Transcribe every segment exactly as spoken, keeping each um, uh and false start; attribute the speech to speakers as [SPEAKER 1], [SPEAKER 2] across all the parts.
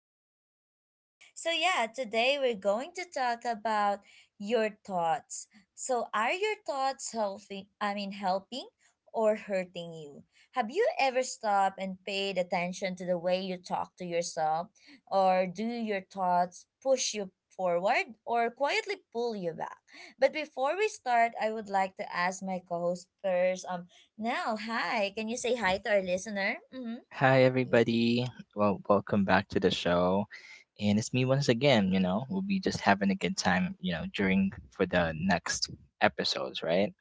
[SPEAKER 1] podcast with Nell. So, yeah, today we're going to talk about your thoughts. So, are your thoughts helping, I mean, helping or hurting you? Have you ever stopped and paid attention to the way you talk to yourself? Or do your thoughts push you forward or quietly pull you back? But before we start, I would like to ask my co host first. Um, Nell, hi, can you say hi to our listener? Mm-hmm.
[SPEAKER 2] Hi,
[SPEAKER 1] Yeah.
[SPEAKER 2] everybody. Well, welcome back to the show. And it's me once again. You know, we'll be just having a good time, you know, during for the next episodes, right?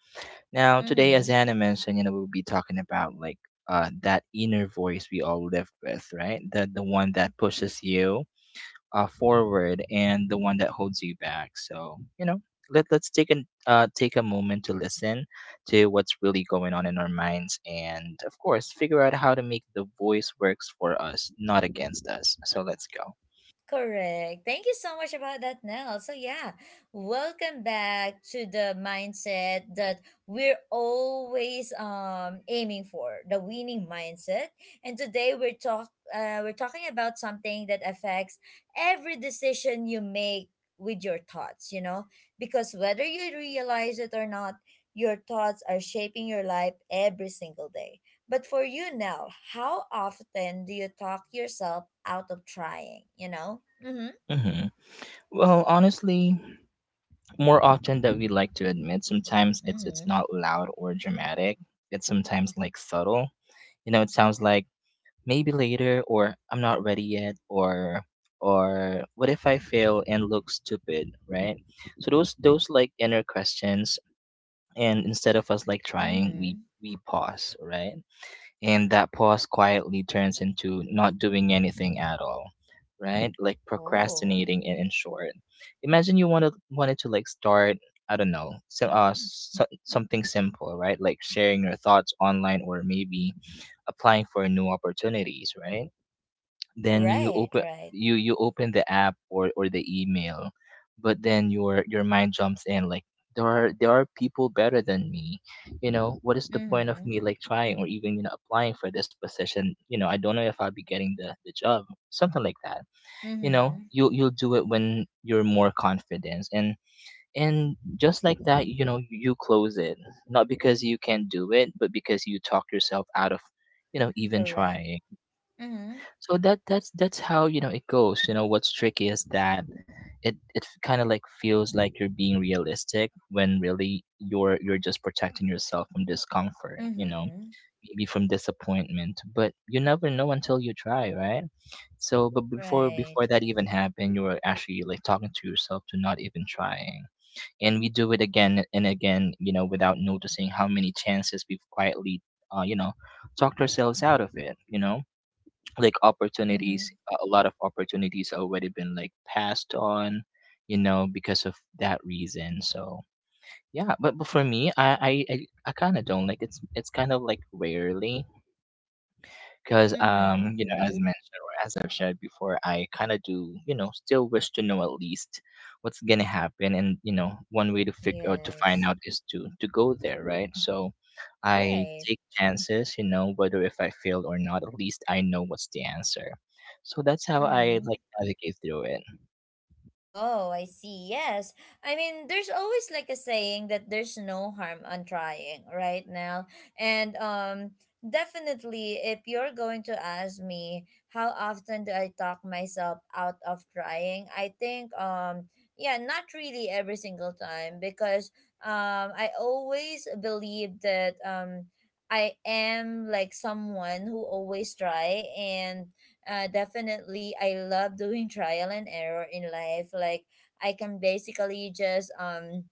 [SPEAKER 2] Now, today, as
[SPEAKER 1] Mm-hmm.
[SPEAKER 2] Anna mentioned, you know, we'll be talking about like uh, that inner voice we all live with, right? The, the one that pushes you uh, forward and the one that holds you back. So you know, let let's take an uh, take a moment to listen to what's really going on in our minds, and of course, figure out how to make the voice works for us, not against us. So let's go.
[SPEAKER 1] Correct. Thank you so much about that, Nell. So yeah, welcome back to the mindset that we're always um aiming for, the winning mindset. And today we're talk uh, we're talking about something that affects every decision you make with your thoughts, you know? Because whether you realize it or not, your thoughts are shaping your life every single day. But for you now, how often do you talk yourself out of trying, you know? Mm-hmm.
[SPEAKER 2] hmm Well, honestly, more often than we like to admit, sometimes it's it's
[SPEAKER 1] Mm-hmm.
[SPEAKER 2] not loud or dramatic. It's sometimes like subtle. You know, it sounds like maybe later, or I'm not ready yet, or or what if I fail and look stupid, right? So those those like inner questions, and instead of us like trying, we
[SPEAKER 1] Mm-hmm.
[SPEAKER 2] we pause, right? And that pause quietly turns into not doing anything at all, right, like
[SPEAKER 1] Oh.
[SPEAKER 2] procrastinating in, in short. Imagine you wanted wanted to like start, I don't know, so, uh, so, something simple, right? Like sharing your thoughts online, or maybe applying for new opportunities, right? Then you
[SPEAKER 1] Right,
[SPEAKER 2] open,
[SPEAKER 1] right.
[SPEAKER 2] you you open the app, or or the email, but then your your mind jumps in like, there are there are people better than me. You know, what is the point of
[SPEAKER 1] Mm-hmm.
[SPEAKER 2] me like trying, or even you know applying for this position? You know, I don't know if I'll be getting the the job, something like that. You know,
[SPEAKER 1] Mm-hmm.
[SPEAKER 2] you you'll do it when you're more confident. and and just like that, you know, you close it, not because you can't do it, but because you talk yourself out of you know even
[SPEAKER 1] Correct.
[SPEAKER 2] trying.
[SPEAKER 1] Mm-hmm.
[SPEAKER 2] So that that's that's how, you know, it goes. You know what's tricky is that it it kind of like feels like you're being realistic when really you're you're just protecting yourself from discomfort, you know,
[SPEAKER 1] Mm-hmm.
[SPEAKER 2] maybe from disappointment. But you never know until you try, right? So but before
[SPEAKER 1] Right.
[SPEAKER 2] before that even happened, you were actually like talking to yourself to not even trying. And we do it again and again, you know, without noticing how many chances we've quietly uh, you know talked ourselves out of, it you know, like opportunities,
[SPEAKER 1] Mm-hmm.
[SPEAKER 2] a lot of opportunities already been like passed on, you know, because of that reason. So yeah, but, but for me, i i i, I kind of don't like, it's it's kind of like rarely because um
[SPEAKER 1] Mm-hmm.
[SPEAKER 2] you know, as
[SPEAKER 1] Mm-hmm.
[SPEAKER 2] mentioned, or as I've shared before, I kind of do, you know, still wish to know at least what's gonna happen. And, you know, one way to figure out to find
[SPEAKER 1] Yes.
[SPEAKER 2] out is to to go there, right? So I
[SPEAKER 1] Right.
[SPEAKER 2] take chances, you know, whether if I fail or not, at least I know what's the answer. So that's how I
[SPEAKER 1] Mm-hmm.
[SPEAKER 2] like navigate through it.
[SPEAKER 1] Oh, I see. Yes. I mean, there's always like a saying that there's no harm on trying, right now. And um definitely if you're going to ask me how often do I talk myself out of trying, I think um yeah, not really every single time because um I always believe that um I am like someone who always try and uh, definitely I love doing trial and error in life. Like I can basically just um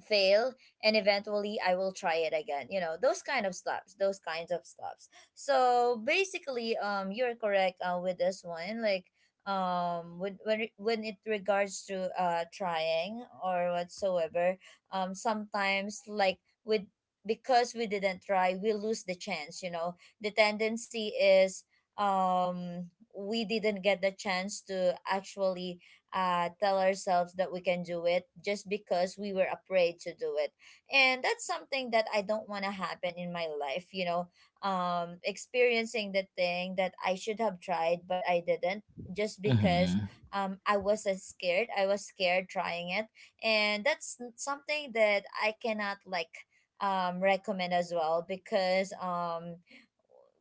[SPEAKER 1] fail and eventually I will try it again, you know, those kind of stops, those kinds of stops. So basically um you're correct uh, with this one, like um when when it, when it regards to uh trying or whatsoever. Um sometimes, like, with because we didn't try we lose the chance, you know, the tendency is um we didn't get the chance to actually uh, tell ourselves that we can do it just because we were afraid to do it. And that's something that I don't want to happen in my life, you know, um, experiencing the thing that I should have tried, but I didn't just because
[SPEAKER 2] Mm-hmm.
[SPEAKER 1] um, I was uh, scared. I was scared trying it. And that's n- something that I cannot like um, recommend as well because um,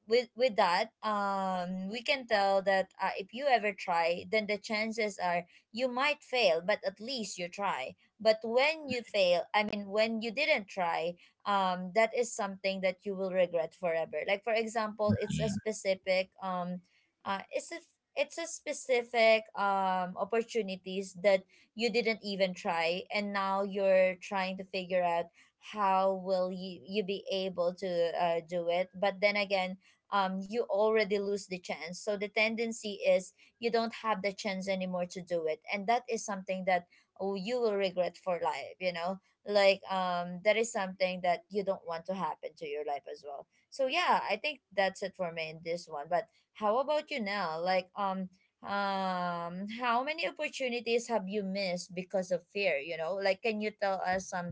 [SPEAKER 1] with with that um we can tell that uh, if you ever try then the chances are you might fail but at least you try. But when you fail, I mean when you didn't try, um that is something that you will regret forever. Like for example, it's a
[SPEAKER 2] Mm-hmm.
[SPEAKER 1] specific um uh it's a it's a specific um opportunities that you didn't even try and now you're trying to figure out how will you, you be able to uh, do it. But then again, um you already lose the chance, so the tendency is you don't have the chance anymore to do it. And that is something that oh, you will regret for life, you know. Like um that is something that you don't want to happen to your life as well. So yeah, I think that's it for me in this one. But how about you now, like um um how many opportunities have you missed because of fear, you know? Like can you tell us some,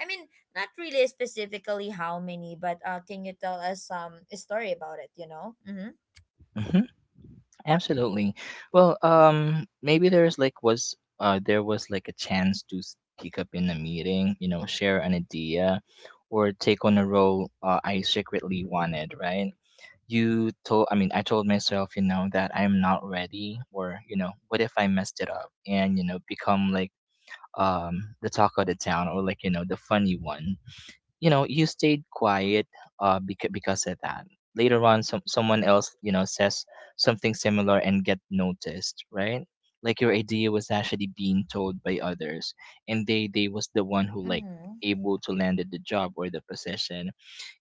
[SPEAKER 1] I mean, not really specifically how many, but uh can you tell us some story about it, you know? Mm-hmm.
[SPEAKER 2] Mm-hmm. Absolutely. Well, um, maybe there's like was uh there was like a chance to speak up in a meeting, you know, share an idea, or take on a role uh, I secretly wanted, right? You told, I mean, I told myself, you know, that I'm not ready, or you know, what if I messed it up and you know become like um the talk of the town, or like you know the funny one. You know, you stayed quiet uh because, because of that. Later on, some someone else, you know, says something similar and get noticed, right? Like your idea was actually being told by others, and they they was the one who like
[SPEAKER 1] Mm-hmm.
[SPEAKER 2] able to landed the job or the position.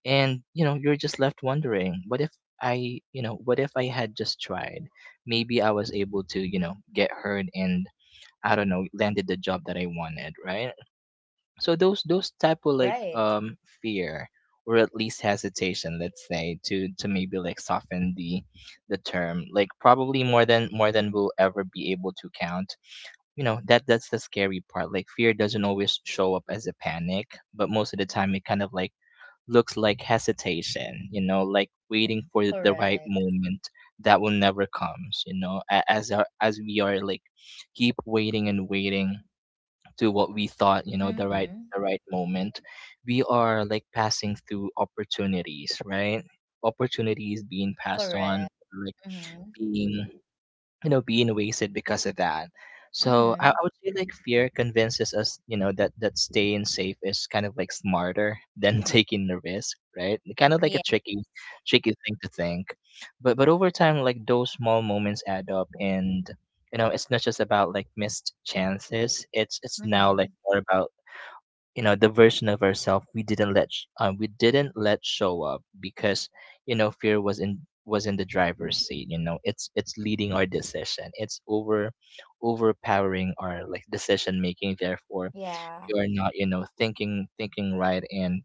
[SPEAKER 2] And you know you're just left wondering what if, I you know what if I had just tried, maybe I was able to, you know, get heard, and I don't know, landed the job that I wanted, right? So those those type of like
[SPEAKER 1] Right.
[SPEAKER 2] um fear, or at least hesitation, let's say, to to maybe like soften the the term, like probably more than more than we'll ever be able to count. You know, that that's the scary part, like fear doesn't always show up as a panic, but most of the time it kind of like looks like hesitation, you know, like waiting for the right
[SPEAKER 1] Correct.
[SPEAKER 2] moment that will never comes. You know, a- as our, as we are like keep waiting and waiting to what we thought, you know, the right
[SPEAKER 1] Mhm.
[SPEAKER 2] the right moment, we are like passing through opportunities, right? Opportunities being passed on,
[SPEAKER 1] Correct.
[SPEAKER 2] like
[SPEAKER 1] Mhm.
[SPEAKER 2] being, you know, being wasted because of that. So I, I
[SPEAKER 1] Mhm.
[SPEAKER 2] would say like fear convinces us, you know, that that staying safe is kind of like smarter than taking the risk, right, kind of like a
[SPEAKER 1] Yes.
[SPEAKER 2] tricky tricky thing to think. But but over time, like those small moments add up, and you know it's not just about like missed chances, it's it's now like
[SPEAKER 1] Mhm.
[SPEAKER 2] more about, you know, the version of ourselves we didn't let sh- um, we didn't let show up because, you know, fear was in, was in the driver's seat. You know, it's it's leading our decision, it's over overpowering our like decision making. Therefore,
[SPEAKER 1] Yeah.
[SPEAKER 2] we are not, you know, thinking thinking right, and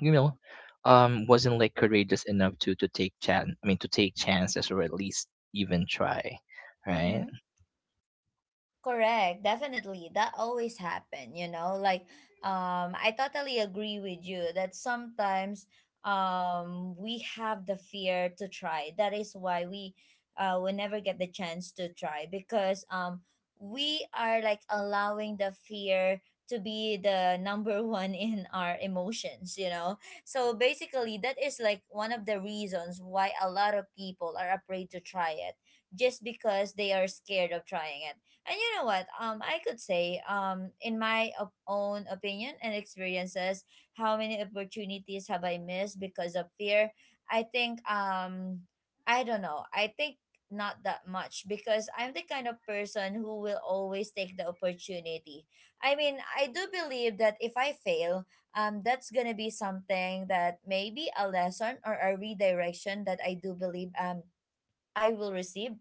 [SPEAKER 2] you know um wasn't like courageous enough to to take chance I mean to take chances, or at least even try, right?
[SPEAKER 1] Mhm. Correct, definitely. That always happen, you know? Like um I totally agree with you that sometimes um we have the fear to try. That is why we uh we never get the chance to try because um we are like allowing the fear to be the number one in our emotions, you know? So basically that is like one of the reasons why a lot of people are afraid to try it just because they are scared of trying it. And you know what? Um, I could say, um, in my op- own opinion and experiences, how many opportunities have I missed because of fear? I think, um, I don't know. I think not that much because I'm the kind of person who will always take the opportunity. I mean, I do believe that if I fail, um, that's gonna be something that maybe a lesson or a redirection that I do believe um I will receive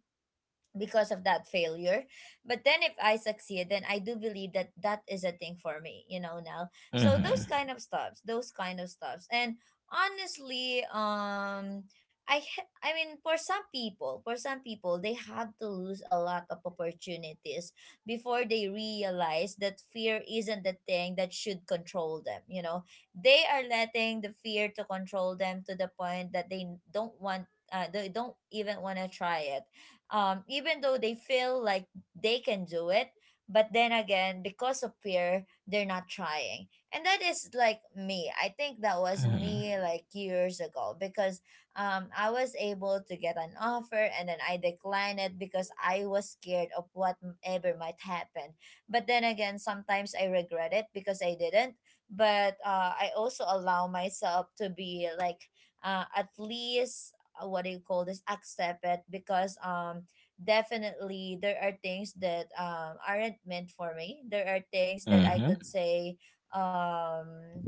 [SPEAKER 1] because of that failure. But then if I succeed then I do believe that that is a thing for me, you know, now. So
[SPEAKER 2] mm-hmm
[SPEAKER 1] those kind of stuffs, those kind of stuffs. And honestly um i h- I mean, for some people for some people they have to lose a lot of opportunities before they realize that fear isn't the thing that should control them, you know. They are letting the fear to control them to the point that they don't want uh, they don't even want to try it, um, even though they feel like they can do it. But then again, because of fear, they're not trying. And that is like me. I think that was
[SPEAKER 2] mm-hmm
[SPEAKER 1] me like years ago because um, I was able to get an offer and then I declined it because I was scared of whatever might happen. But then again, sometimes I regret it because I didn't. But uh, I also allow myself to be like uh, at least uh, what do you call this, accept it because um definitely there are things that um aren't meant for me, there are things that I
[SPEAKER 2] mm-hmm
[SPEAKER 1] could say, um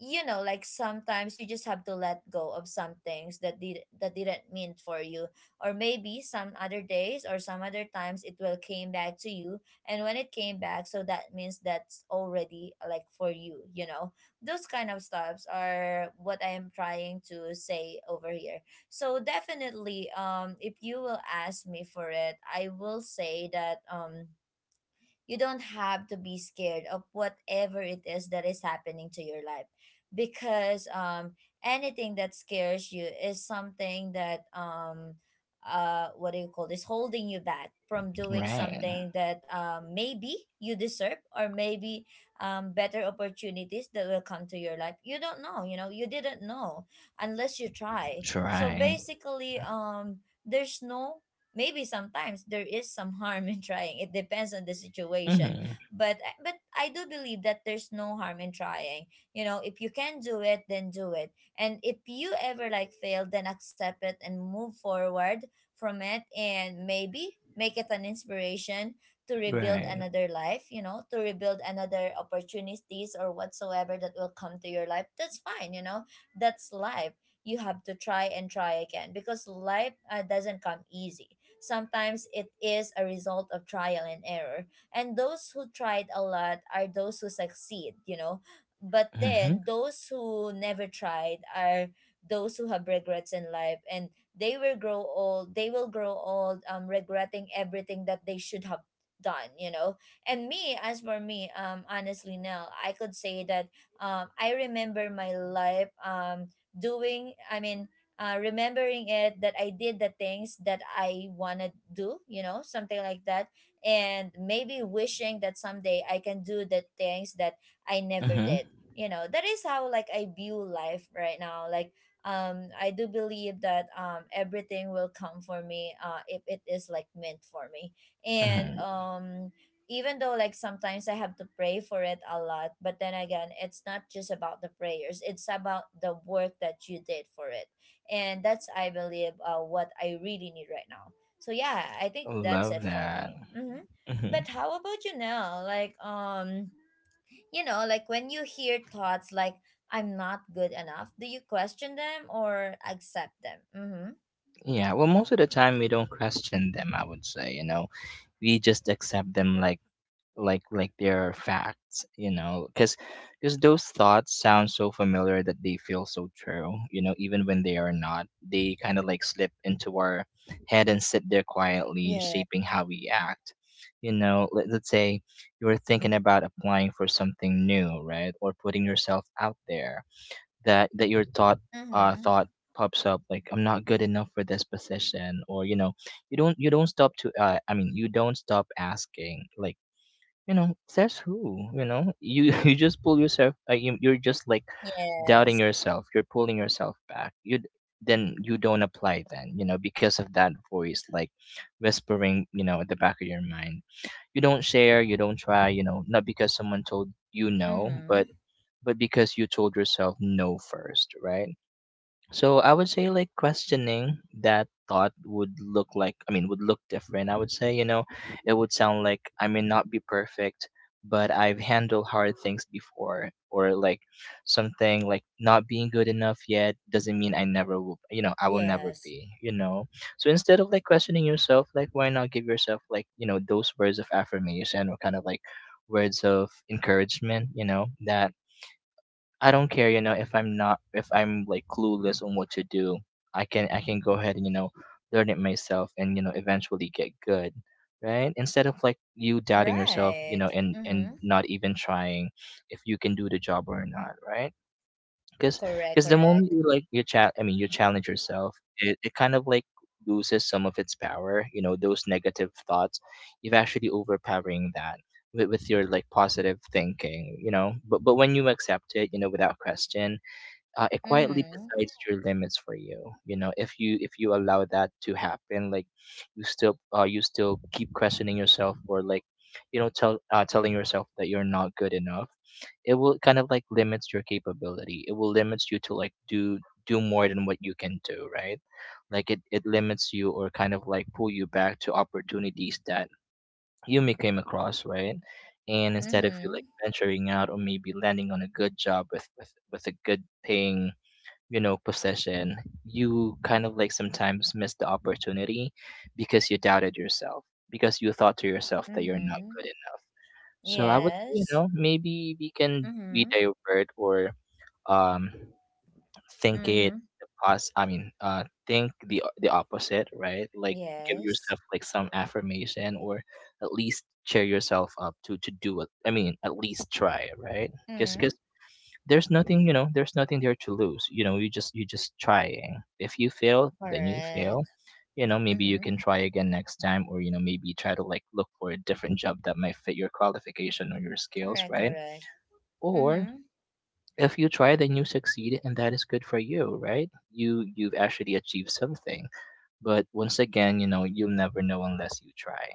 [SPEAKER 1] you know, like sometimes you just have to let go of some things that did that didn't mean for you, or maybe some other days or some other times it will came back to you. And when it came back, so that means that's already like for you, you know. Those kind of stuffs are what I am trying to say over here. So definitely, um, if you will ask me for it, I will say that um you don't have to be scared of whatever it is that is happening to your life because um anything that scares you is something that um uh what do you call this, holding you back from doing
[SPEAKER 2] right.
[SPEAKER 1] something that um maybe you deserve, or maybe um better opportunities that will come to your life. You don't know, you know, you didn't know unless you try. So
[SPEAKER 2] try
[SPEAKER 1] basically, um there's no, maybe sometimes there is some harm in trying, it depends on the situation,
[SPEAKER 2] Mm-hmm.
[SPEAKER 1] but eh, but I do believe that there's no harm in trying. You know, if you can do it then do it, and if you ever like fail then accept it and move forward from it, and maybe make it an inspiration to rebuild
[SPEAKER 2] Right.
[SPEAKER 1] another life, you know, to rebuild another opportunities or whatsoever that will come to your life, that's fine, you know. That's life. You have to try and try again because life uh, doesn't come easy. Sometimes it is a result of trial and error. And those who tried a lot are those who succeed, you know. But
[SPEAKER 2] Mm-hmm.
[SPEAKER 1] then those who never tried are those who have regrets in life, and they will grow old, they will grow old um regretting everything that they should have done, you know. And me, as for me, um honestly now I could say that um I remember my life, um doing I mean uh, remembering it that I did the things that I want to do, you know, something like that. And maybe wishing that someday I can do the things that I never
[SPEAKER 2] Mm-hmm.
[SPEAKER 1] did. You know, that is how like I view life right now. Like, um, I do believe that um everything will come for me uh if it is like meant for me. And
[SPEAKER 2] Mm-hmm.
[SPEAKER 1] um even though like sometimes I have to pray for it a lot, but then again, it's not just about the prayers. It's about the work that you did for it. And that's I believe uh, what I really need right now. So yeah, I think that's
[SPEAKER 2] Love
[SPEAKER 1] it for
[SPEAKER 2] that.
[SPEAKER 1] me. Hmm.
[SPEAKER 2] Mm-hmm.
[SPEAKER 1] But how about you now, like um you know, like when you hear thoughts like I'm not good enough, do you question them or accept them? Mm-hmm.
[SPEAKER 2] Yeah. Well, most of the time we don't question them, I would say. You know, we just accept them like, like, like they're facts. You know, because because those thoughts sound so familiar that they feel so true. You know, even when they are not, they kind of like slip into our head and sit there quietly,
[SPEAKER 1] Yeah.
[SPEAKER 2] shaping how we act. You know, let, let's say you were thinking about applying for something new, right, or putting yourself out there, that that your thought, uh
[SPEAKER 1] Mm-hmm.
[SPEAKER 2] thought pops up like, I'm not good enough for this position. Or you know, you don't you don't stop to uh, I mean you don't stop asking like, you know, says who? You know, you you just pull yourself, uh, you, you're just like doubting
[SPEAKER 1] Yes.
[SPEAKER 2] yourself, you're pulling yourself back. You d- then you don't apply, then, you know, because of that voice like whispering, you know, at the back of your mind, you don't share, you don't try, you know, not because someone told you no,
[SPEAKER 1] Mm-hmm.
[SPEAKER 2] but but because you told yourself no first, right? So I would say like questioning that thought would look like, I mean would look different. I would say, you know, it would sound like, I may not be perfect, but I've handled hard things before. Or like, something like not being good enough yet doesn't mean I never will, you know, I will never
[SPEAKER 1] Yes.
[SPEAKER 2] be, you know. So instead of like questioning yourself, like why not give yourself like, you know, those words of affirmation, or kind of like words of encouragement, you know, that I don't care, you know, if I'm not, if I'm like clueless on what to do, I can I can go ahead and, you know, learn it myself, and you know eventually get good, right? Instead of like you doubting yourself, you
[SPEAKER 1] Right.
[SPEAKER 2] know, and and
[SPEAKER 1] Mm-hmm.
[SPEAKER 2] not even trying if you can do the job or not, right? Because
[SPEAKER 1] Correct,
[SPEAKER 2] because the moment
[SPEAKER 1] correct.
[SPEAKER 2] you like you chat I mean you challenge yourself, it, it kind of like loses some of its power, you know, those negative thoughts you've actually overpowering that with, with, your like positive thinking, you know. But but when you accept it, you know, without question, uh, it quietly
[SPEAKER 1] Mm-hmm.
[SPEAKER 2] decides your limits for you, you know, if you if you allow that to happen. Like you still uh, you still keep questioning yourself, or like, you know, tell uh, telling yourself that you're not good enough, it will kind of like limits your capability, it will limits you to like do do more than what you can do, right? Like it, it limits you, or kind of like pull you back to opportunities that you may came across, right? And instead of you like
[SPEAKER 1] Mm-hmm.
[SPEAKER 2] venturing out, or maybe landing on a good job with with, with a good paying, you know, possession, you kind of like sometimes miss the opportunity because you doubted yourself, because you thought to yourself that you're not
[SPEAKER 1] Mm-hmm.
[SPEAKER 2] good enough. So I would say, you
[SPEAKER 1] Yes.
[SPEAKER 2] know, maybe we can be
[SPEAKER 1] Mm-hmm.
[SPEAKER 2] divert, or um think it,
[SPEAKER 1] Mm-hmm.
[SPEAKER 2] the pos I mean uh think the the opposite, right? Like give
[SPEAKER 1] Yes.
[SPEAKER 2] yourself like some affirmation, or at least cheer yourself up to to do it, I mean at least try, right? Because
[SPEAKER 1] Mm,
[SPEAKER 2] there's nothing, you know, there's nothing there to lose, you know, you just you just trying. If you fail, then you fail.
[SPEAKER 1] correct.
[SPEAKER 2] You know, maybe you
[SPEAKER 1] Mhm.
[SPEAKER 2] can try again next time, or you know, maybe try to like look for a different job that might fit your qualification or your skills,
[SPEAKER 1] Correct,
[SPEAKER 2] right?
[SPEAKER 1] correct.
[SPEAKER 2] Or
[SPEAKER 1] Mhm.
[SPEAKER 2] if you try, then you succeed, and that is good for you, right? You you've actually achieved something. But once again, you know, you'll never know unless you try.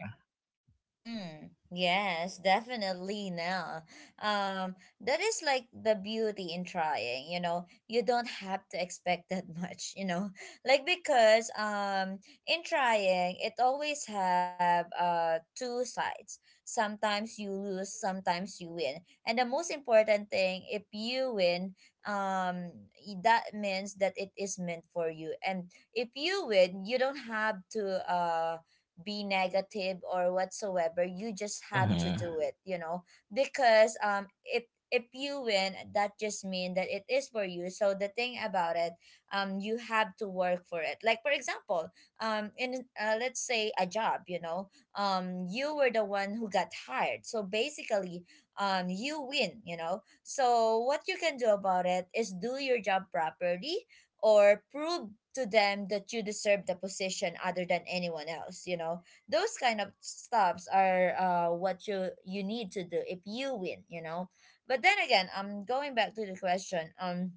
[SPEAKER 1] Mm, yes, definitely now. Um, that is like the beauty in trying, you know. You don't have to expect that much, you know. Like because um in trying it always have uh two sides. Sometimes you lose, sometimes you win. And the most important thing, if you win, um y- that means that it is meant for you. And if you win, you don't have to uh be negative or whatsoever. You just have to do
[SPEAKER 2] Hmm.
[SPEAKER 1] it you know Because um if if you win, that just mean that it is for you. So the thing about it, um you have to work for it. Like for example, um in uh, let's say a job you know um you were the one who got hired, so basically um you win you know So what you can do about it is do your job properly, or prove to them that you deserve the position other than anyone else you know Those kind of stops are uh, what you you need to do if you win you know But then again, I'm um, going back to the question. um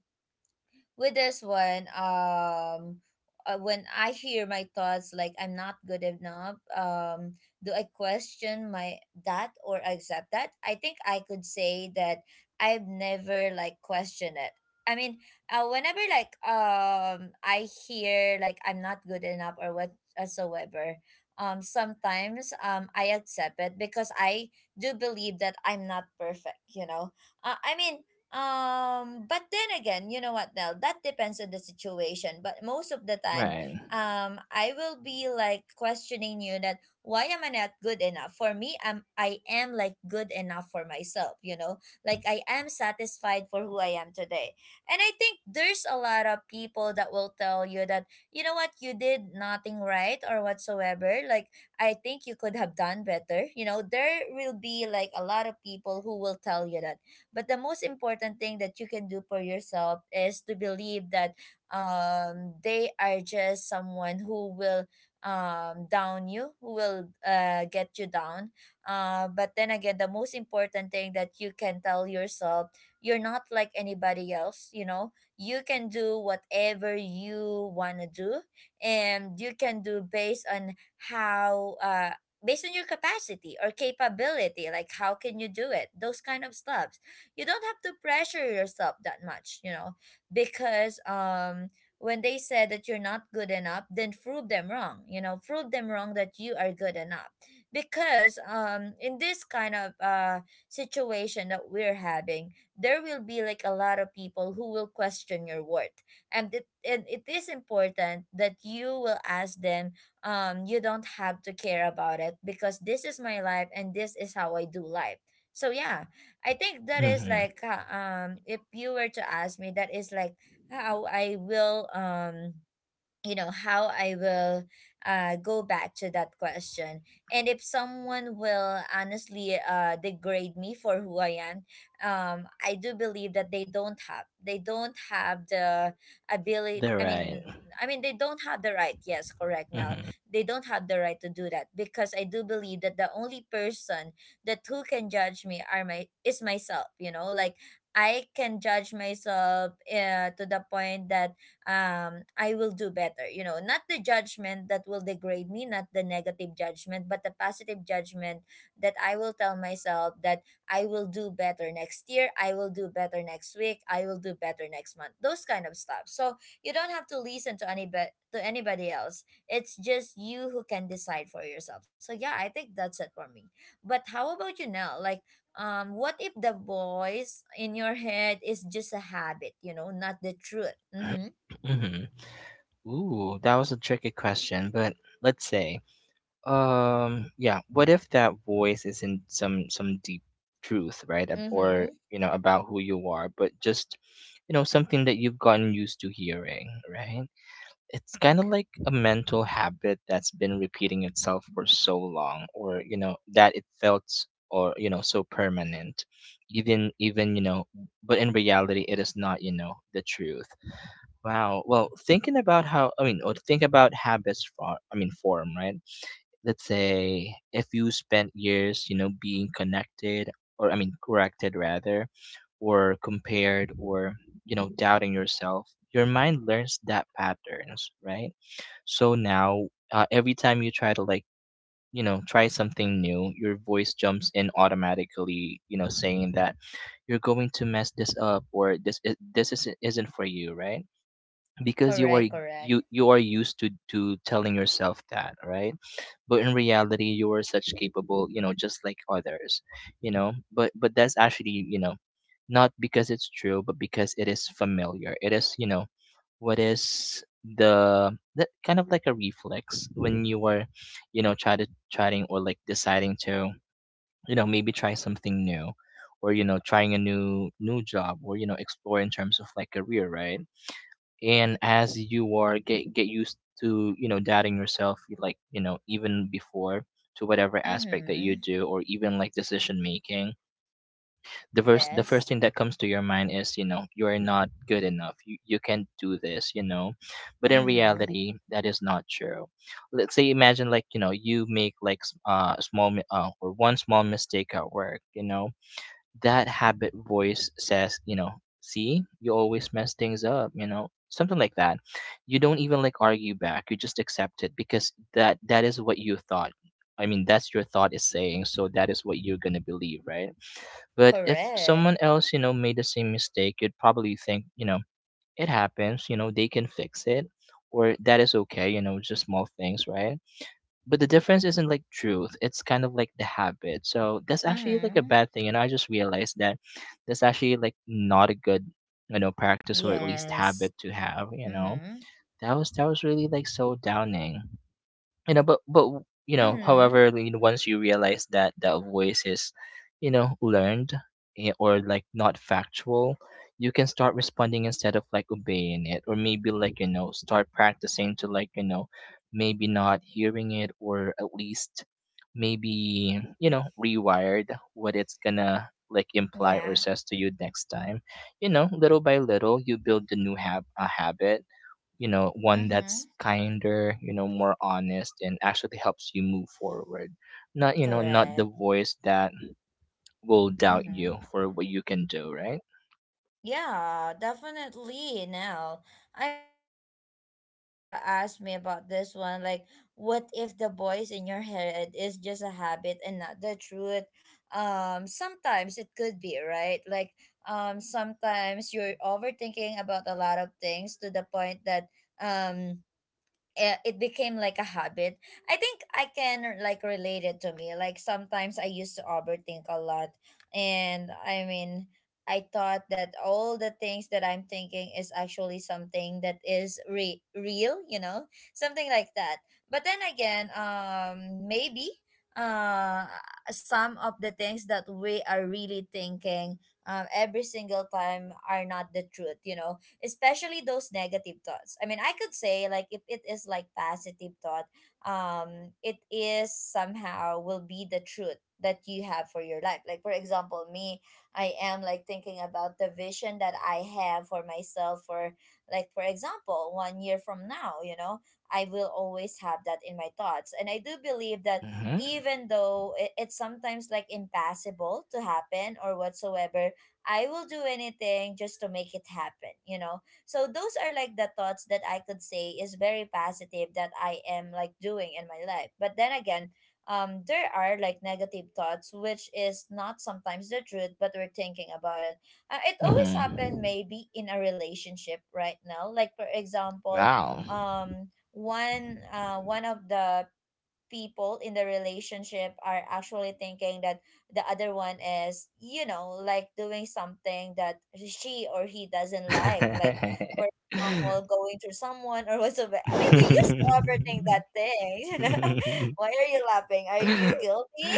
[SPEAKER 1] with this one, um, uh, when I hear my thoughts like I'm not good enough, um, do I question my that or accept that? I think I could say that I've never like questioned it. I mean, uh, whenever like um I hear like I'm not good enough or whatsoever, um, sometimes um I accept it because I do believe that I'm not perfect. You know, uh, I mean, um, but then again, you know what, Nell? That depends on the situation. But most of the time,
[SPEAKER 2] Right.
[SPEAKER 1] um, I will be like questioning you that why am I not good enough? For me, I'm I am like good enough for myself. You know, like I am satisfied for who I am today. And I think there's a lot of people that will tell you that, you know, what you did nothing right or whatsoever. Like I think you could have done better. You know, there will be like a lot of people who will tell you that, but the most important thing that you can do for yourself is to believe that um, they are just someone who will um, down you, who will uh, get you down. Uh, but then again, the most important thing that you can tell yourself, you're not like anybody else, you know, you can do whatever you want to do, and you can do based on how uh based on your capacity or capability, like how can you do it, those kind of stuff. You don't have to pressure yourself that much, you know, because um when they said that you're not good enough, then prove them wrong, you know, prove them wrong that you are good enough. Because um in this kind of uh situation that we're having, there will be like a lot of people who will question your worth. And it, and it is important that you will ask them. Um you don't have to care about it because this is my life and this is how I do life. So yeah, I think that is
[SPEAKER 2] Hmm.
[SPEAKER 1] like uh, um if you were to ask me, that is like how I will um you know how I will uh, go back to that question. And if someone will honestly uh, degrade me for who I am, um, I do believe that they don't have they don't have the ability.
[SPEAKER 2] They're
[SPEAKER 1] I
[SPEAKER 2] right.
[SPEAKER 1] mean, I mean they don't have the right. Yes, correct now,
[SPEAKER 2] Hmm.
[SPEAKER 1] they don't have the right to do that because I do believe that the only person that who can judge me are my is myself. You know, like I can judge myself uh, to the point that um, I will do better. You know, not the judgment that will degrade me, not the negative judgment, but the positive judgment that I will tell myself that I will do better next year, I will do better next week, I will do better next month. Those kind of stuff. So you don't have to listen to any be- to anybody else. It's just you who can decide for yourself. So yeah, I think that's it for me. But how about you now? Like um what if the voice in your head is just a habit, you know, not the truth? Mm-hmm.
[SPEAKER 2] Hmm. Ooh, that was a tricky question, but let's say, um, yeah, what if that voice isn't some some deep truth, right? ab- Or,
[SPEAKER 1] Mm-hmm.
[SPEAKER 2] you know, about who you are, but just, you know, something that you've gotten used to hearing, right? It's kind of like a mental habit that's been repeating itself for so long, or, you know, that it felt s- or, you know, so permanent. Even even, you know, but in reality it is not, you know, the truth. Wow. Well, thinking about how, I mean, or think about habits for, I mean, form, right? Let's say if you spent years, you know, being connected, or I mean corrected rather, or compared, or you know, doubting yourself, your mind learns that patterns, right? So now, uh, every time you try to like, you know, try something new, your voice jumps in automatically, you know, saying that you're going to mess this up, or this i- this isn't, isn't for you, right? Because you are,
[SPEAKER 1] Correct, correct.
[SPEAKER 2] you you are used to to telling yourself that, right? But in reality you are such capable, you know, just like others. You know, but but that's actually, you know, not because it's true, but because it is familiar. It is, you know, what is, the that kind of like a reflex when you are, you know, try to trying, or like deciding to, you know, maybe try something new, or you know, trying a new new job, or you know, explore in terms of like career, right? And as you are get get used to, you know, doubting yourself, you like, you know, even before, to whatever aspect that
[SPEAKER 1] Mm-hmm.
[SPEAKER 2] you do, or even like decision making, the first the first
[SPEAKER 1] Yes.
[SPEAKER 2] thing that comes to your mind is, you know, you are not good enough, you, you can't do this, you know. But in
[SPEAKER 1] Mm-hmm.
[SPEAKER 2] reality, that is not true. Let's say imagine, like, you know, you make like s- uh, a small mi- uh, or one small mistake at work, you know, that habit voice says, you know, "See, you always mess things up," you know, something like that. You don't even like argue back. You just accept it because that that is what you thought. I mean, that's your thought is saying, so that is what you're gonna believe, right? But if
[SPEAKER 1] Correct.
[SPEAKER 2] someone else, you know, made the same mistake, you'd probably think, you know, it happens, you know, they can fix it, or that is okay, you know, just small things, right? But the difference isn't like truth, it's kind of like the habit. So that's actually like a
[SPEAKER 1] Mm-hmm.
[SPEAKER 2] bad thing, and I just realized that that's actually like not a good, you know, practice, or at least
[SPEAKER 1] Yes.
[SPEAKER 2] habit to have, you know.
[SPEAKER 1] Mm-hmm.
[SPEAKER 2] That was that was really like so downing, you know. But but you know,
[SPEAKER 1] Mm-hmm.
[SPEAKER 2] however, you know, once you realize that that voice is, you know, learned, eh, or like not factual, you can start responding instead of like obeying it, or maybe like, you know, start practicing to like, you know, maybe not hearing it, or at least maybe, you know, rewired what it's gonna like imply or
[SPEAKER 1] Yeah.
[SPEAKER 2] says to you next time. You know, little by little you build the new hab- a habit, you know, one
[SPEAKER 1] Mm-hmm.
[SPEAKER 2] that's kinder, you know, more honest, and actually helps you move forward. Not, you know, not the
[SPEAKER 1] Correct.
[SPEAKER 2] voice that will doubt
[SPEAKER 1] Mm-hmm.
[SPEAKER 2] you for what you can do, right?
[SPEAKER 1] Yeah, definitely now. I mean, um when you uh asked me about this one, like what if the voice in your head is just a habit and not the truth? Um sometimes it could be, right? Like um sometimes you're overthinking about a lot of things to the point that um eh, it became like a habit. I think I can like relate it to me. Like sometimes I used to overthink a lot, and I mean, I thought that all the things that I'm thinking is actually something that is re- real, you know, something like that. But then again, um, maybe uh some of the things that we are really thinking um every single time are not the truth, you know, especially those negative thoughts. I mean, I could say like if it is like positive thought, um, it is somehow will be the truth that you have for your life. Like for example, me, I am like thinking about the vision that I have for myself for, like for example, one year from now, you know, I will always have that in my thoughts. And I do believe that
[SPEAKER 2] Mm-hmm.
[SPEAKER 1] even though it, it's sometimes like impossible to happen or whatsoever, I will do anything just to make it happen, you know? So those are like the thoughts that I could say is very positive that I am like doing in my life. But then again, um, there are like negative thoughts, which is not sometimes the truth, but we're thinking about it. Uh, it always happen
[SPEAKER 2] Mm-hmm.
[SPEAKER 1] maybe in a relationship right now. Like for example,
[SPEAKER 2] Wow.
[SPEAKER 1] um, one uh, one of the people in the relationship are actually thinking that the other one is, you know, like doing something that she or he doesn't like like for example going to someone or whatsoever. I mean, we used to overthink that thing you know. Why are you laughing? Are you guilty?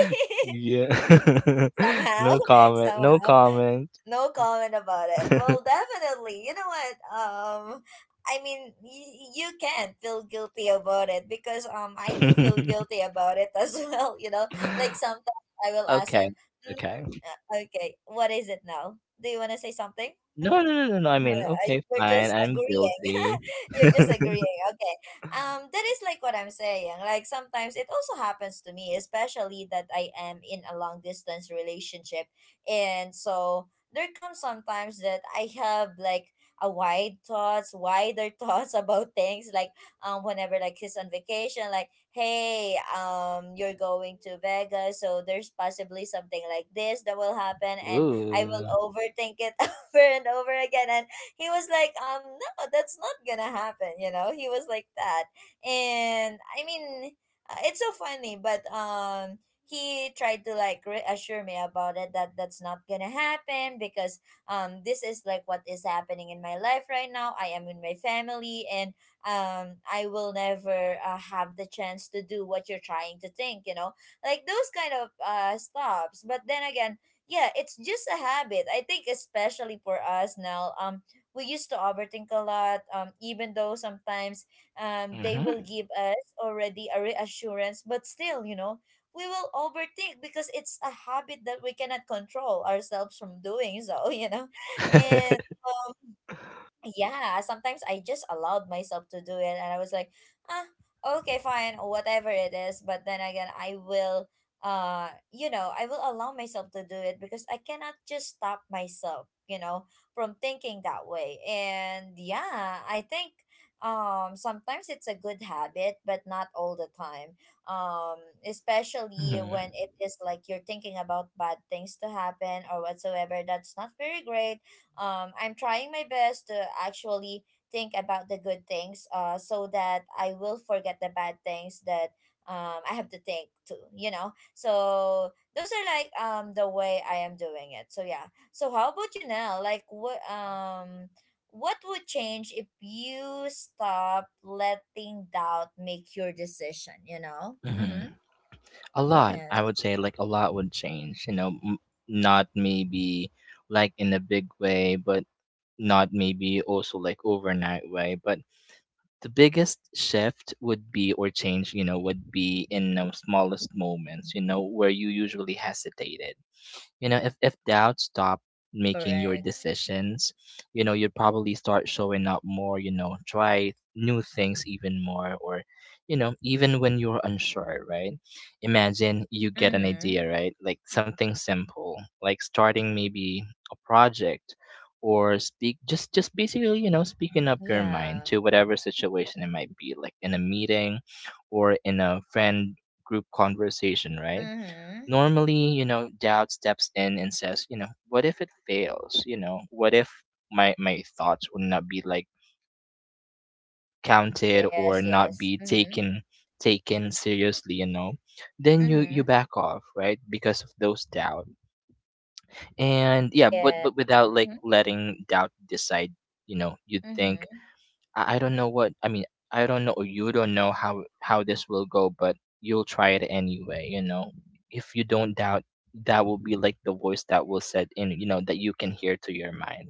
[SPEAKER 2] Yeah.
[SPEAKER 1] Somehow
[SPEAKER 2] No comment, no
[SPEAKER 1] somehow.
[SPEAKER 2] comment.
[SPEAKER 1] No comment about it. Well, definitely, you know what, um I mean, y- you can't feel guilty about it because um I do feel guilty about it as well, you know. Like sometimes I will ask
[SPEAKER 2] Okay.
[SPEAKER 1] him, "Mm,
[SPEAKER 2] Okay.
[SPEAKER 1] uh, okay, what is it now? Do you want to say something?"
[SPEAKER 2] No,
[SPEAKER 1] Mm-hmm.
[SPEAKER 2] no, no, no, no, I
[SPEAKER 1] No,
[SPEAKER 2] mean,
[SPEAKER 1] I-
[SPEAKER 2] okay,
[SPEAKER 1] you're
[SPEAKER 2] fine,
[SPEAKER 1] just
[SPEAKER 2] I'm
[SPEAKER 1] agreeing.
[SPEAKER 2] guilty.
[SPEAKER 1] You're just agreeing. Okay. Um, that is like what I'm saying. Like sometimes it also happens to me, especially that I am in a long distance relationship. And so there comes sometimes that I have like a wide thoughts, wider thoughts about things. Like um whenever like he's on vacation, like, hey, um, you're going to Vegas, so there's possibly something like this that will happen, and I will
[SPEAKER 2] Ooh.
[SPEAKER 1] overthink it over and over again. And he was like, um, no, that's not gonna happen. You know, he was like that, and I mean, uh, it's so funny, but um. He tried to like reassure me about it that that's not gonna happen because um this is like what is happening in my life right now. I am in my family and um I will never uh, have the chance to do what you're trying to think. You know, like those kind of uh stops. But then again, yeah, it's just a habit. I think especially for us now. Um, we used to overthink a lot, um, even though sometimes um, they will
[SPEAKER 2] Mhm.
[SPEAKER 1] give us already a reassurance, but still, you know, we will overthink because it's a habit that we cannot control ourselves from doing so, you know. And um, yeah, sometimes I just allowed myself to do it, and I was like, ah, okay, fine, whatever it is. But then again, I will uh you know, I will allow myself to do it because I cannot just stop myself, you know, from thinking that way. And yeah, I think um sometimes it's a good habit, but not all the time. Um especially
[SPEAKER 2] Mhm,
[SPEAKER 1] when it is like you're thinking about bad things to happen or whatsoever, that's not very great. um, I'm trying my best to actually think about the good things, uh, so that I will forget the bad things that um, I have to think to, you know? So those are like um, the way I am doing it. So yeah. So how about you now? Like what um what would change if you stop letting doubt make your decision, you know? Mm-hmm.
[SPEAKER 2] mhm. A lot,
[SPEAKER 1] Yes,
[SPEAKER 2] I would say, like, a lot would change, you know, m- not maybe like in a big way, but not maybe also like overnight way. But the biggest shift would be, or change, you know, would be in the smallest moments, you know, where you usually hesitated. You know, if if doubt stopped making your
[SPEAKER 1] correct.
[SPEAKER 2] decisions, you know, you'd probably start showing up more, you know, try new things even more, or you know, even when you're unsure, right? Imagine you get an
[SPEAKER 1] Mm-hmm.
[SPEAKER 2] idea, right? Like something simple, like starting maybe a project, or speak, just just basically, you know, speaking up your mind
[SPEAKER 1] Yeah.
[SPEAKER 2] to whatever situation it might be, like in a meeting or in a friend group conversation, right?
[SPEAKER 1] Mm-hmm.
[SPEAKER 2] Normally, you know, doubt steps in and says, you know, what if it fails? You know, what if my my thoughts will not be like counted,
[SPEAKER 1] Yes,
[SPEAKER 2] or not
[SPEAKER 1] yes.
[SPEAKER 2] be
[SPEAKER 1] Mm-hmm.
[SPEAKER 2] taken, taken seriously, you know? Then you
[SPEAKER 1] Mm-hmm.
[SPEAKER 2] you back off, right? Because of those doubt. And yeah,
[SPEAKER 1] Yeah.
[SPEAKER 2] but but without
[SPEAKER 1] Mm-hmm.
[SPEAKER 2] like letting doubt decide, you know, you think,
[SPEAKER 1] Mm-hmm.
[SPEAKER 2] I, I don't know what I mean. I don't know. You don't know how how this will go, but you'll try it anyway. You know, if you don't doubt, that will be like the voice that will set in. You know, that you can hear to your mind.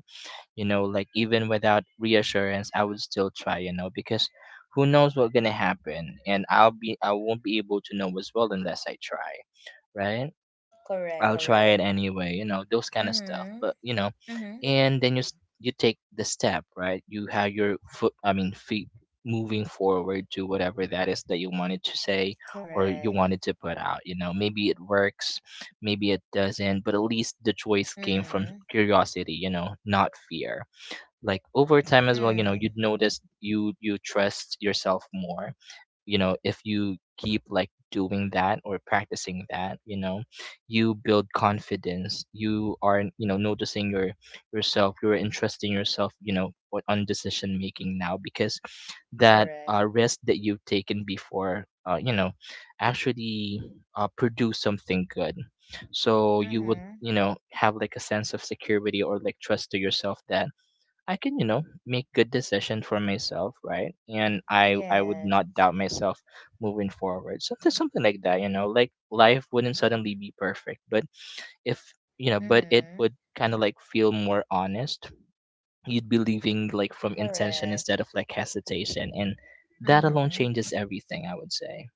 [SPEAKER 2] You know, like even without reassurance, I would still try. You know, because who knows what's gonna happen, and I'll be I won't be able to know as well unless I try. Right?
[SPEAKER 1] Correct,
[SPEAKER 2] I'll try it
[SPEAKER 1] correct.
[SPEAKER 2] anyway, you know, those kind of stuff.
[SPEAKER 1] Mm-hmm.
[SPEAKER 2] But you know,
[SPEAKER 1] Mm-hmm.
[SPEAKER 2] and then you s- you take the step, right? You have your foot, I mean, feet, moving forward to whatever that is that you wanted to say, or you
[SPEAKER 1] Correct.
[SPEAKER 2] wanted to put out. You know, maybe it works, maybe it doesn't, but at least the choice came from
[SPEAKER 1] Mm-hmm.
[SPEAKER 2] curiosity, you know, not fear. Like over time as well, you know,
[SPEAKER 1] Mm.
[SPEAKER 2] you'd notice you you trust yourself more. You know, if you keep like doing that or practicing that, you know, you build confidence. You are, you know, noticing your yourself, you're interesting yourself, you know, on on decision making now, because that
[SPEAKER 1] Correct.
[SPEAKER 2] uh, risk that you've taken before, uh, you know, actually uh, produce something good. So you would,
[SPEAKER 1] Mm-hmm.
[SPEAKER 2] you know, have like a sense of security or like trust to yourself that I can, you know, make good decision for myself, right? And I I would
[SPEAKER 1] Yes.
[SPEAKER 2] not doubt myself moving forward. Something something like that, you know, like life wouldn't suddenly be perfect, but if, you know, but it
[SPEAKER 1] Mm-hmm.
[SPEAKER 2] would kind of like feel more honest. You'd be leaving like from intention instead
[SPEAKER 1] Correct.
[SPEAKER 2] of like hesitation, and that alone
[SPEAKER 1] Mm-hmm.
[SPEAKER 2] changes everything. I would say,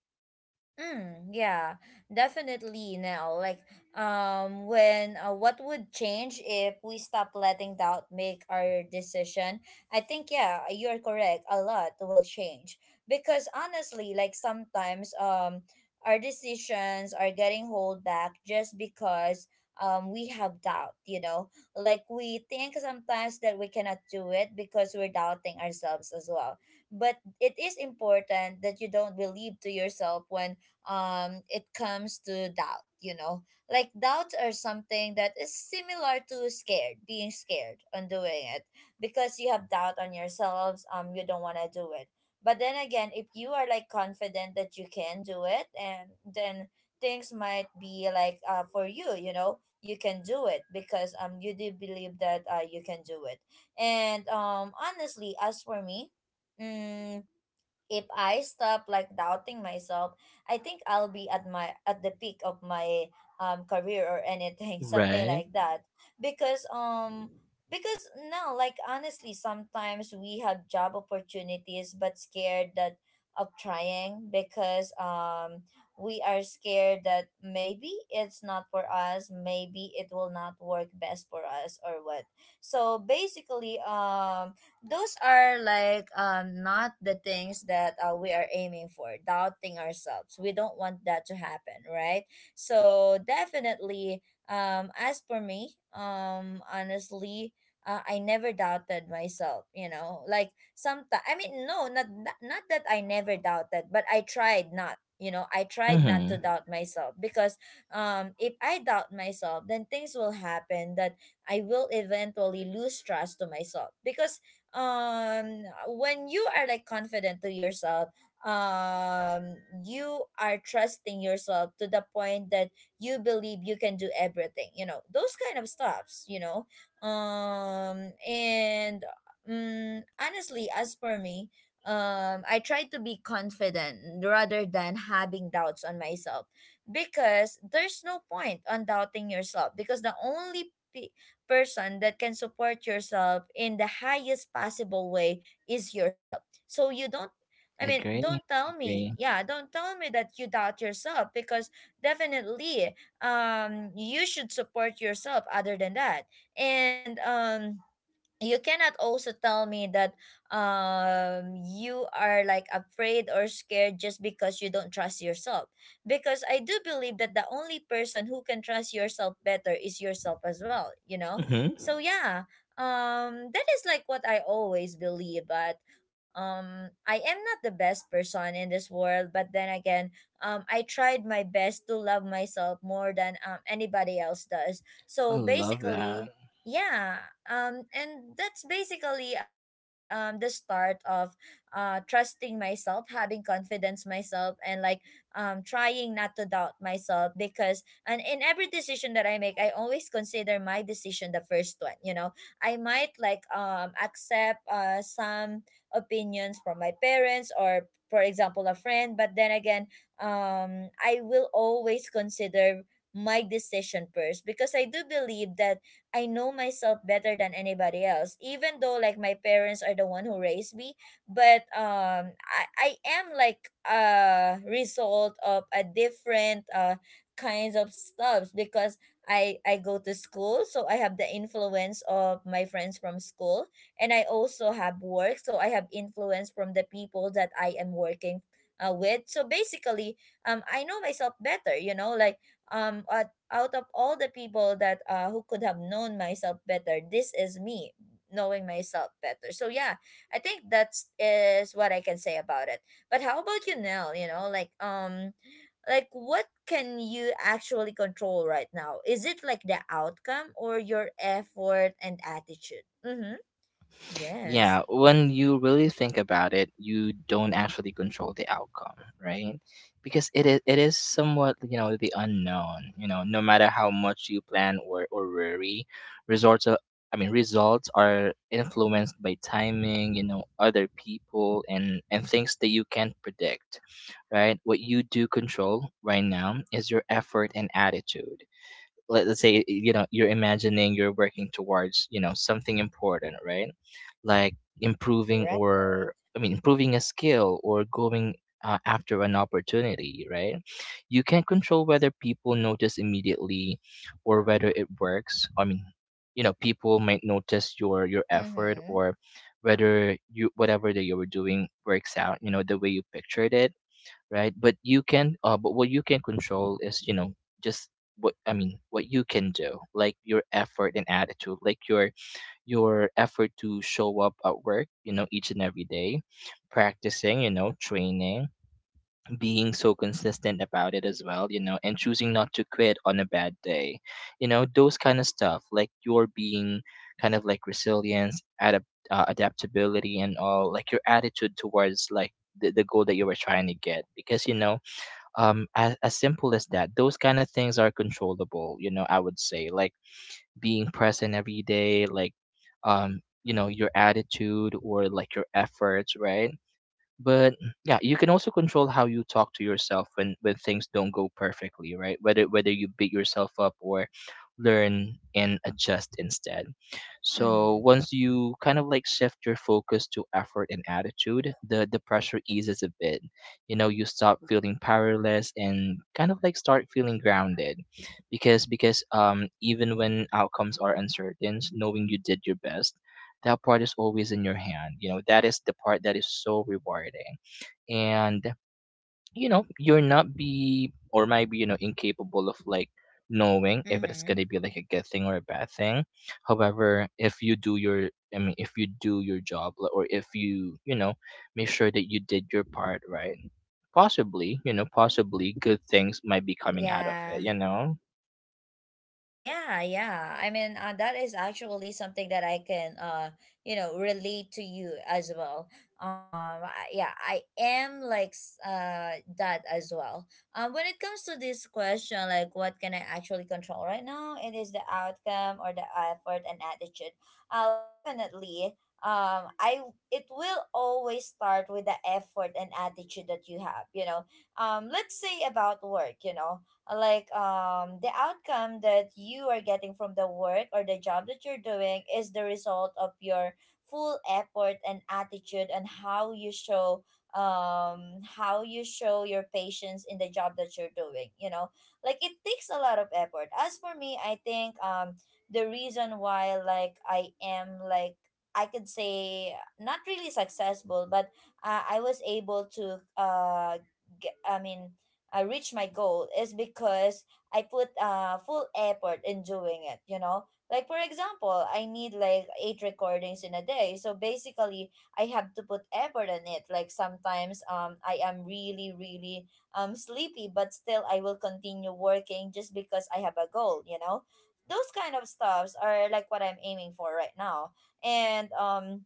[SPEAKER 1] Mm, yeah, definitely now. Like, um, when uh, what would change if we stop letting doubt make our decision? I think, yeah, you're correct. A lot will change because honestly, like sometimes um, our decisions are getting hold back just because um we have doubt. You know, like we think sometimes that we cannot do it because we're doubting ourselves as well. But it is important that you don't believe to yourself when um it comes to doubt you know Like doubts are something that is similar to scared, being scared on doing it because you have doubt on yourselves, um you don't want to do it. But then again, if you are like confident that you can do it, and then things might be like uh for you you know You can do it because um you do believe that uh you can do it. And um honestly, as for me, mm, if I stop like doubting myself, I think I'll be at my at the peak of my um career or anything, something
[SPEAKER 2] right?
[SPEAKER 1] like that. Because um because now, like, honestly, sometimes we have job opportunities but scared that of trying because um we are scared that maybe it's not for us, maybe it will not work best for us or what. So basically, um those are like um not the things that uh, we are aiming for, doubting ourselves. We don't want that to happen, right? So definitely, um as for me, um honestly, uh, I never doubted myself, you know. Like sometimes, I mean, no, not tha- not that I never doubted, but I tried not, you know, I tried not to
[SPEAKER 2] Mm-hmm.
[SPEAKER 1] doubt myself because um, if I doubt myself, then things will happen that I will eventually lose trust to myself because um when you are like confident to yourself, um you are trusting yourself to the point that you believe you can do everything, you know, those kind of stuffs, you know. Um and um, Honestly, as for me, um I try to be confident rather than having doubts on myself because there's no point on doubting yourself because the only person that can support yourself in the highest possible way is yourself. So you don't, I mean,
[SPEAKER 2] Agree.
[SPEAKER 1] don't tell
[SPEAKER 2] Agree.
[SPEAKER 1] me. Yeah, don't tell me that you doubt yourself because definitely um you should support yourself other than that. And um you cannot also tell me that um you are like afraid or scared just because you don't trust yourself because I do believe that the only person who can trust yourself better is yourself as well, you know.
[SPEAKER 2] Mm-hmm.
[SPEAKER 1] So yeah, um that is like what I always believe. But um I am not the best person in this world, but then again, um I tried my best to love myself more than um anybody else does.
[SPEAKER 2] I
[SPEAKER 1] So
[SPEAKER 2] love that.
[SPEAKER 1] basically, yeah, um, and that's basically um the start of uh trusting myself, having confidence myself, and like um trying not to doubt myself because and in every decision that I make, I always consider my decision the first one. You know, I might like um accept uh some opinions from my parents or for example a friend, but then again, um, I will always consider my decision first because I do believe that I know myself better than anybody else. Even though like my parents are the one who raised me, but um I I am like a result of a different uh kinds of stuff because I I go to school, so I have the influence of my friends from school, and I also have work, so I have influence from the people that I am working uh, with. So basically, um, I know myself better. You know, like um, uh, out of all the people that uh who could have known myself better, this is me knowing myself better. So yeah, I think that's is what I can say about it. But how about you, Nell? You know, like um like what can you actually control right now? Is it like the outcome or your effort and attitude? Mm-hmm. Yes.
[SPEAKER 2] Yeah, when you really think about it, you don't actually control the outcome, right? Because it is it is somewhat, you know, the unknown. You know, no matter how much you plan or or worry, results are, I mean, results are influenced by timing, you know, other people, and and things that you can't predict, right? What you do control right now is your effort and attitude. Let, let's say, you know, you're imagining you're working towards, you know, something important, right? Like improving,
[SPEAKER 1] Right.
[SPEAKER 2] or I mean improving a skill, or going uh, after an opportunity, right? You can not control whether people notice immediately, or whether it works, I mean, you know, people might notice your your effort,
[SPEAKER 1] Mm-hmm.
[SPEAKER 2] or whether you, whatever that you were doing works out, you know, the way you pictured it, right? But you can, uh, but what you can control is, you know, just what I mean, what you can do, like your effort and attitude, like your your effort to show up at work, you know, each and every day, practicing, you know, training, being so consistent about it as well, you know, and choosing not to quit on a bad day, you know, those kind of stuff, like your being kind of like resilience, adapt, uh, adaptability, and all, like your attitude towards like the, the goal that you were trying to get, because you know, um as, as simple as that, those kind of things are controllable, you know, I would say, like being present every day, like, um you know, your attitude or like your efforts, right? But yeah, you can also control how you talk to yourself when when things don't go perfectly, right? Whether whether you beat yourself up or learn and adjust instead. So
[SPEAKER 1] Mm-hmm.
[SPEAKER 2] once you kind of like shift your focus to effort and attitude, the the pressure eases a bit. You know, you stop feeling powerless and kind of like start feeling grounded, because because um even when outcomes are uncertain, knowing you did your best, that part is always in your hand. You know, that is the part that is so rewarding. And you know, you're not be, or might be, you know, incapable of like knowing if it's
[SPEAKER 1] Mm-hmm.
[SPEAKER 2] going to be like a good thing or a bad thing. However, if you do your I mean if you do your job, l- or if you, you know, make sure that you did your part right, possibly, you know, possibly good things might be coming out of
[SPEAKER 1] Yeah.
[SPEAKER 2] it, you know.
[SPEAKER 1] Yeah, yeah. I mean, uh, that is actually something that I can, uh, you know, relate to you as well. Um, I- yeah, I am like s- uh that as well. Um, when it comes to this question, like what can I actually control right now? It is the outcome or the effort and attitude. I'll definitely. Um, I, it will always start with the effort and attitude that you have. You know, um, let's say about work. You know, like um the outcome that you are getting from the work or the job that you're doing is the result of your full effort and attitude and how you show um how you show your patience in the job that you're doing, you know, like it takes a lot of effort. As for me, I think um the reason why like I am like I could say not really successful, but uh, I was able to uh get, I mean, uh, reach my goal is because I put uh, full effort in doing it, you know? Like, for example, I need like eight recordings in a day. So basically, I have to put effort in it. Like, sometimes um, I am really, really um, sleepy, but still I will continue working just because I have a goal, you know? Those kind of stuffs are like what I'm aiming for right now. And, um,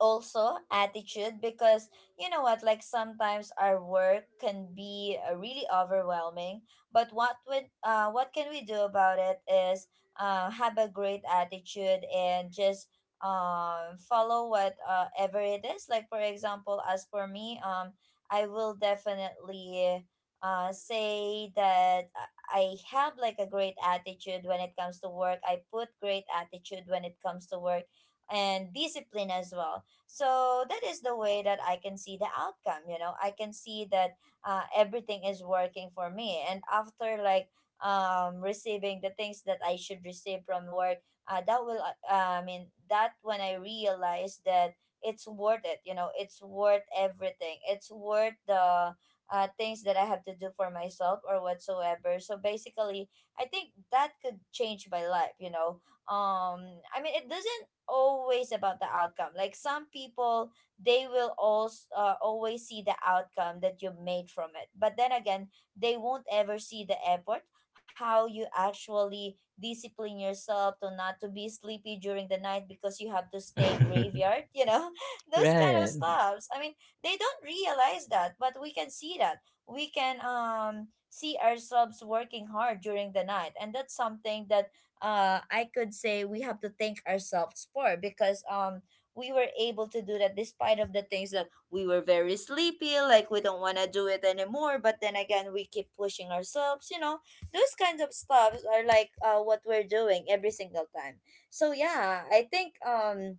[SPEAKER 1] also attitude because you know what, like sometimes our work can be uh, really overwhelming, but what would uh what can we do about it is uh have a great attitude and just um follow what uh, ever it is. Like, for example, as for me, um I will definitely uh say that I I have like a great attitude when it comes to work. I put great attitude when it comes to work, and discipline as well. So that is the way that I can see the outcome. You know, I can see that uh, everything is working for me. And after like um, receiving the things that I should receive from work, uh, that will, uh, I mean, that when I realize that it's worth it. You know, it's worth everything. It's worth the uh, things that I have to do for myself or whatsoever. So basically, I think that could change my life. You know, um, I mean, it doesn't always about the outcome. Like some people, they will also uh, always see the outcome that you made from it. But then again, they won't ever see the effort, how you actually discipline yourself to not to be sleepy during the night because you have to stay graveyard, you know, those kind of
[SPEAKER 2] Right.
[SPEAKER 1] stuffs. I mean, they don't realize that, but we can see that. We can um see ourselves working hard during the night, and that's something that uh, I could say we have to thank ourselves for because um we were able to do that despite of the things that we were very sleepy, like we don't want to do it anymore. But then again, we keep pushing ourselves. You know, those kinds of stuff are like uh, what we're doing every single time. So yeah, I think um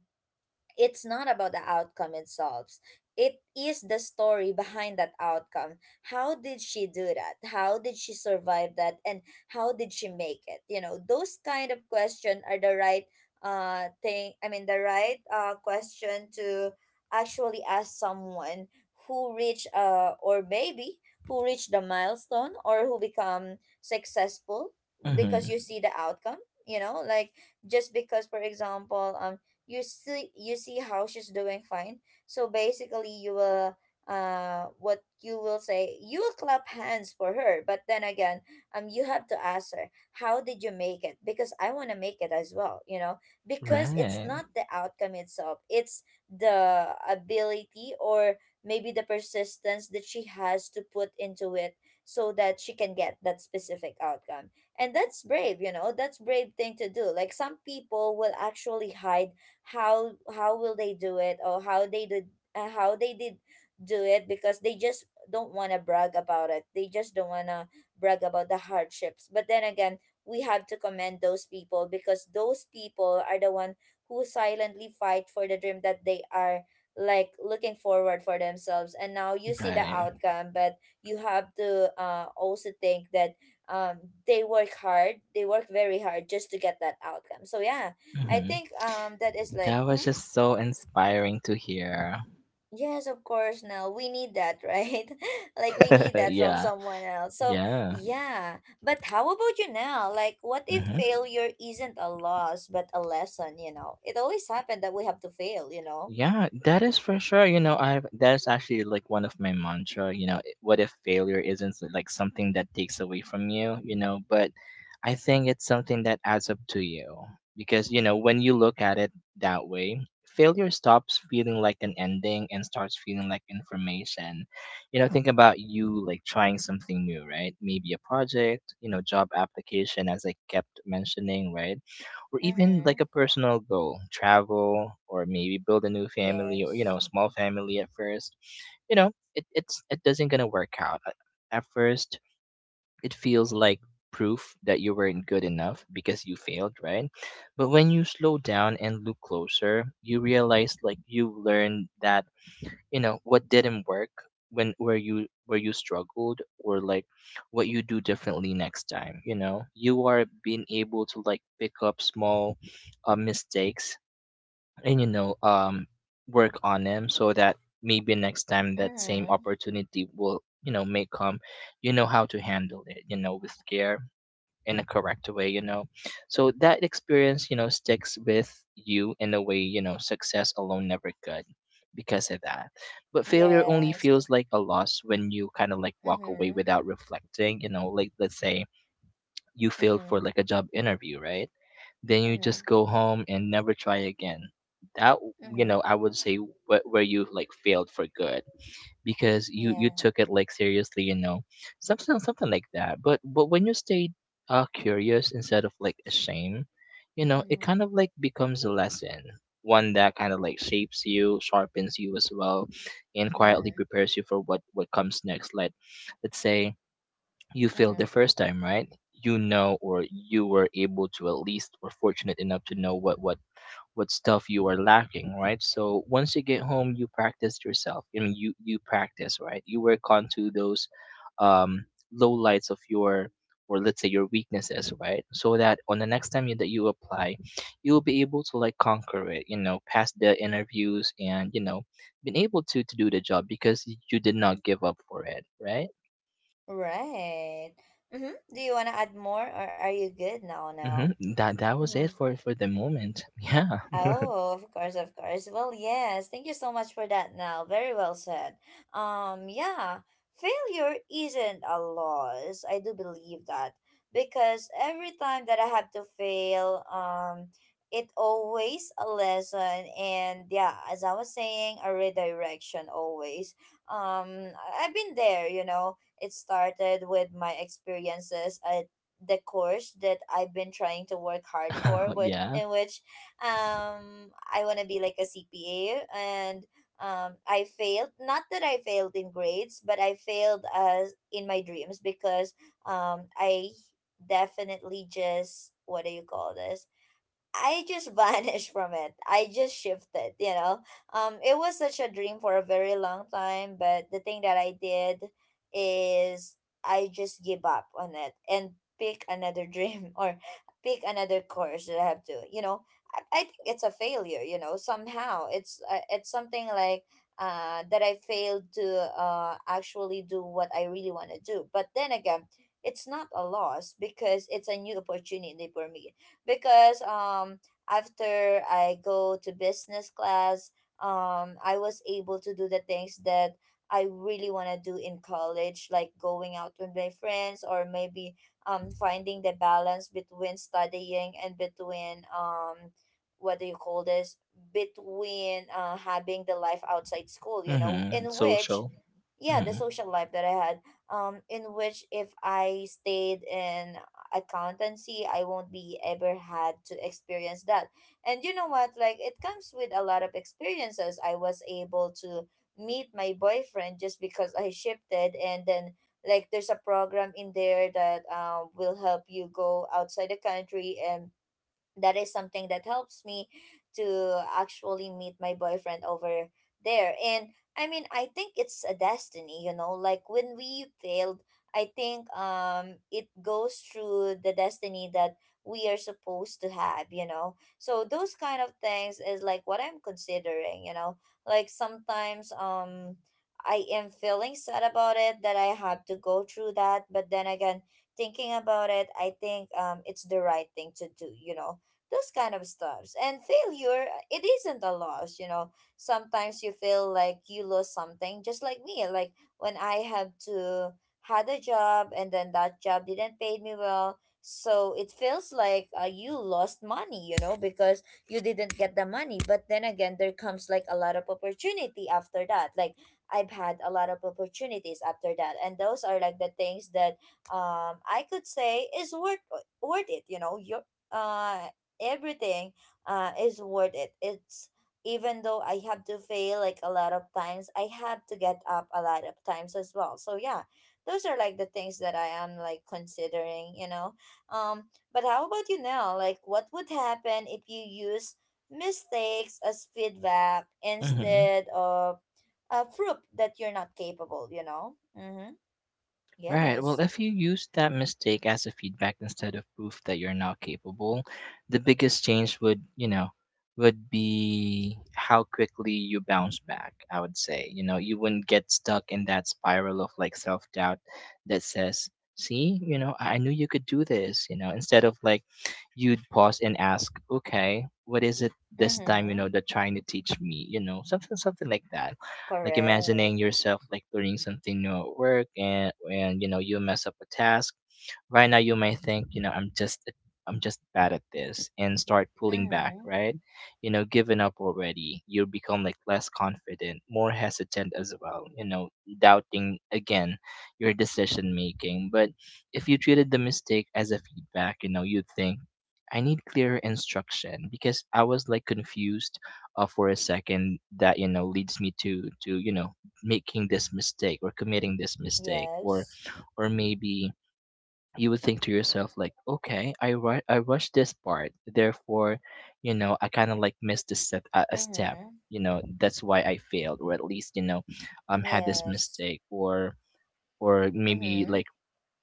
[SPEAKER 1] it's not about the outcome it solves. It is the story behind that outcome. How did she do that? How did she survive that? And how did she make it? You know, those kind of question are the right uh thing. I mean, the right uh question to actually ask someone who reach uh or maybe who reach the milestone or who become successful because
[SPEAKER 2] Hmm.
[SPEAKER 1] you see the outcome. You know, like just because, for example, um you see you see how she's doing fine. So basically you will uh what you will say, you will clap hands for her, but then again, um you have to ask her, how did you make it? Because I want to make it as well, you know. Because it's
[SPEAKER 2] Right,
[SPEAKER 1] not the outcome itself, it's the ability or maybe the persistence that she has to put into it so that she can get that specific outcome. And that's brave, you know, that's brave thing to do. Like some people will actually hide how how will they do it or how they did uh, how they did do it because they just don't want to brag about it, they just don't want to brag about the hardships. But then again, we have to commend those people because those people are the one who silently fight for the dream that they are like looking forward for themselves, and now you see the
[SPEAKER 2] right.
[SPEAKER 1] outcome. But you have to uh, also think that um, they work hard, they work very hard just to get that outcome. So yeah, I
[SPEAKER 2] Mm-hmm.
[SPEAKER 1] think um that is like
[SPEAKER 2] That was
[SPEAKER 1] mhm,
[SPEAKER 2] just so inspiring to hear.
[SPEAKER 1] yes, of course. Now we need that, right? Like we need that from
[SPEAKER 2] Yeah.
[SPEAKER 1] someone else. So
[SPEAKER 2] Yeah.
[SPEAKER 1] yeah, but how about you now? Like, what if
[SPEAKER 2] Hmm.
[SPEAKER 1] failure isn't a loss but a lesson? You know, it always happened that we have to fail, you know?
[SPEAKER 2] Yeah, that is for sure. You know, I've that's actually like one of my mantra. You know, i- what if failure isn't s- like something that takes away from you? You know, but I think it's something that adds up to you, because you know, when you look at it that way, failure stops feeling like an ending and starts feeling like information. You know, think about you like trying something new, right? Maybe a project, you know, job application, as I kept mentioning, right? Or even like
[SPEAKER 1] Mm-hmm.
[SPEAKER 2] a personal goal, travel, or maybe build a new family, or, you
[SPEAKER 1] Yes.
[SPEAKER 2] know, small family at first, you know, it it's it doesn't gonna work out at, at first. It feels like proof that you weren't good enough because you failed, right? But when you slow down and look closer, you realize like you learned that, you know, what didn't work, when where you where you struggled, or like what you do differently next time. You know, you are being able to like pick up small, uh, mistakes, and you know, um work on them, so that maybe next time that same
[SPEAKER 1] Mm-hmm.
[SPEAKER 2] opportunity will, you know, may come. You know how to handle it, you know, with care, in a correct way, you know. So that experience, you know, sticks with you in a way, you know, success alone never could, because of that. But failure only
[SPEAKER 1] Yes.
[SPEAKER 2] feels like a loss when you kind of like walk away
[SPEAKER 1] Mm-hmm.
[SPEAKER 2] without reflecting. You know, like let's say you failed for
[SPEAKER 1] Mm-hmm.
[SPEAKER 2] like a job interview, right? Then you
[SPEAKER 1] Mm-hmm.
[SPEAKER 2] just go home and never try again. That, you know,
[SPEAKER 1] Mm-hmm.
[SPEAKER 2] I would say, wh- where you like failed for good, because you you
[SPEAKER 1] Yeah.
[SPEAKER 2] took it like seriously, you know, something something like that. But but when you stay uh curious instead of like ashamed, you know, it
[SPEAKER 1] Mm-hmm.
[SPEAKER 2] kind of like becomes a lesson. One that kind of like shapes you, sharpens you as well, and quietly
[SPEAKER 1] Mm-hmm.
[SPEAKER 2] prepares you for what what comes next. Like let's say you failed the
[SPEAKER 1] Mm-hmm.
[SPEAKER 2] first time, right? You know, or you were able to at least, or fortunate enough to know what what what stuff you are lacking, right? So once you get home, you practice yourself. I mean, you you practice, right? You work onto those, um, low lights of your or let's say your weaknesses, right? So that on the next time you, that you apply, you'll be able to like conquer it, you know, pass the interviews and, you know, been able to to do the job because y- you did not give up for it, right?
[SPEAKER 1] Right. Mm-hmm. Do you want to add more, or are you good now now?
[SPEAKER 2] Mm-hmm. That that was it
[SPEAKER 1] Mm-hmm.
[SPEAKER 2] for for the moment. Yeah,
[SPEAKER 1] Oh, of course, of course. Well, yes. Thank you so much for that, now. Very well said. Um, yeah, Failure isn't a loss. I do believe that, because every time that I have to fail, um, it always a lesson, and yeah, as I was saying, a redirection always. Um, I- I've been there. You know, it started with my experiences at the course that I've been trying to work hard for, with
[SPEAKER 2] yeah.
[SPEAKER 1] in which um I want to be like a CPA, and um I failed. Not that I failed in grades, but I failed as in my dreams, because um i definitely just, what do you call this, I just vanished from it. I just shifted, you know. Um, it was such a dream for a very long time, but the thing that I did is I just give up on it and pick another dream or pick another course that I have to, you know. I, I think it's a failure, you know. Somehow it's uh, it's something like uh that I failed to uh actually do what I really want to do. But then again, it's not a loss because it's a new opportunity for me, because um after I go to business class, um I was able to do the things that I really want to do in college, like going out with my friends, or maybe um finding the balance between studying and between um what do you call this, between uh having the life outside school, you know,
[SPEAKER 2] Mm-hmm.
[SPEAKER 1] in which
[SPEAKER 2] Social.
[SPEAKER 1] yeah, the
[SPEAKER 2] Mm-hmm.
[SPEAKER 1] social life that I had, um in which if I stayed in accountancy I won't be ever had to experience that. And you know what, like it comes with a lot of experiences. I was able to meet my boyfriend just because I shifted. And then like there's a program in there that um will help you go outside the country, and that is something that helps me to actually meet my boyfriend over there. And I mean, I think it's a destiny, you know, like when we failed, I think um it goes through the destiny that we are supposed to have, you know. So those kind of things is like what I'm considering, you know. Like sometimes um I am feeling sad about it that I have to go through that, but then again, thinking about it, I think um it's the right thing to do, you know, those kind of stuffs. And failure, uh, it isn't a loss, you know. Sometimes you feel like you lost something, just like me. Like when I have to had a job, and then that job didn't pay me well, so it feels like, uh, you lost money, you know, because you didn't get the money. But then again, there comes like a lot of opportunity after that. Like I've had a lot of opportunities after that, and those are like the things that um i could say is worth, worth it you know Your uh everything, uh, is worth it. It's, even though I have to fail like a lot of times, I have to get up a lot of times as well. So yeah, those are like the things that I am like considering, you know. Um, but how about you now? Like, what would happen if you use mistakes as feedback
[SPEAKER 2] Mm-hmm.
[SPEAKER 1] instead of a proof that you're not capable? You know. Mm-hmm.
[SPEAKER 2] Right. Well,
[SPEAKER 1] Yes.
[SPEAKER 2] if you use that mistake as a feedback instead of proof that you're not capable, the biggest change would, you know, would be how quickly you bounce back, I would say. You know, you wouldn't get stuck in that spiral of like self doubt that says, see, you know, I I knew you could do this, you know, instead of like you'd pause and ask, okay, what is it this time, you
[SPEAKER 1] Mm-hmm.
[SPEAKER 2] know, they're trying to teach me, you know, something, something like that. Like
[SPEAKER 1] Correct.
[SPEAKER 2] imagining yourself like learning something new at work and and you know, you mess up a task. Right now, you may think, you know, I'm just, I'm just bad at this, and start pulling back,
[SPEAKER 1] Mm-hmm.
[SPEAKER 2] right? You know, giving up already. You become like less confident, more hesitant as well. You know, doubting again your decision making. But if you treated the mistake as a feedback, you know, you'd think, I need clearer instruction, because I was like confused, uh, for a second, that you know, leads me to to you know, making this mistake or committing this mistake. or
[SPEAKER 1] Yes.
[SPEAKER 2] or maybe you would think to yourself like, okay, i ru- i rushed this part, therefore, you know, I kind of like missed a step, a a step,
[SPEAKER 1] Mm-hmm.
[SPEAKER 2] you know, that's why I failed, or at least, you know, um had this
[SPEAKER 1] Yes.
[SPEAKER 2] mistake. Or or maybe
[SPEAKER 1] Mm-hmm.
[SPEAKER 2] like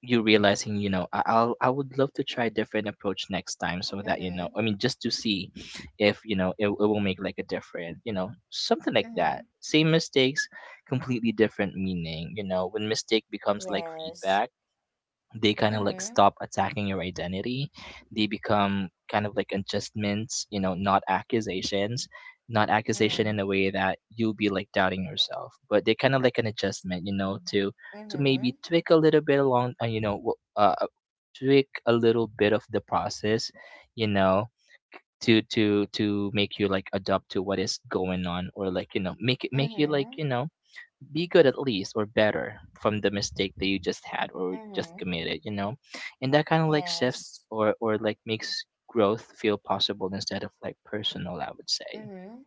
[SPEAKER 2] you realizing, you know, I- i'll i would love to try a different approach next time, so that, you
[SPEAKER 1] Mm-hmm.
[SPEAKER 2] know, I mean, just to see if you know, it, it will make like a different, you know, something like
[SPEAKER 1] Mm-hmm.
[SPEAKER 2] that, same mistakes, completely different meaning. You know, when mistake becomes like
[SPEAKER 1] Yes.
[SPEAKER 2] feedback, they kind of like
[SPEAKER 1] Mm-hmm.
[SPEAKER 2] stop attacking your identity. They become kind of like adjustments, you know, not accusations. Not accusation in
[SPEAKER 1] Mm.
[SPEAKER 2] a way that you'll be like doubting yourself, but they kind of like an adjustment, you know, to to
[SPEAKER 1] Mm-hmm.
[SPEAKER 2] maybe tweak a little bit along, uh, you know, w- uh, uh, tweak a little bit of the process, you know, to to to make you like adapt to what is going on, or like, you know, make it make you like,
[SPEAKER 1] Mm-hmm.
[SPEAKER 2] you know, be good at least, or better from the mistake that you just had, or just
[SPEAKER 1] Mm-hmm.
[SPEAKER 2] committed, you know. And that kind of like shifts,
[SPEAKER 1] Yes.
[SPEAKER 2] or or like makes growth feel possible instead of like personal, I would say.
[SPEAKER 1] Mm-hmm.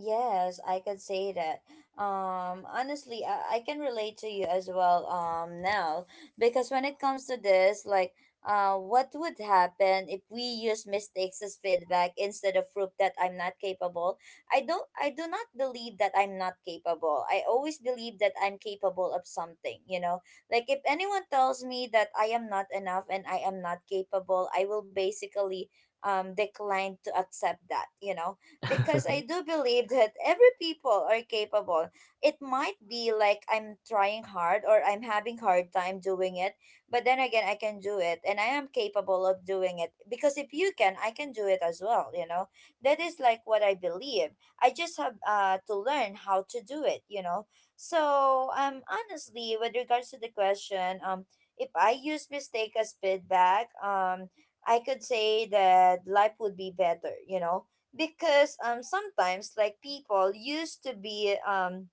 [SPEAKER 1] Yes, I could say that. Um, honestly, I, I can relate to you as well, um, now, because when it comes to this, like, uh, what would happen if we use mistakes as feedback instead of proof that I'm not capable? I don't, I do not believe that I'm not capable. I always believe that I'm capable of something, you know? Like, if anyone tells me that I am not enough and I am not capable, I will basically, um, decline to accept that, you know? Because I do believe that every people are capable. It might be like I'm trying hard, or I'm having hard time doing it, but then again I can do it, and I am capable of doing it, because if you can, I can do it as well, you know. That is like what I believe. I just have uh to learn how to do it, you know. So, um honestly, with regards to the question, um if I use mistake as feedback, um I could say that life would be better, you know, because um sometimes like people used to be, um,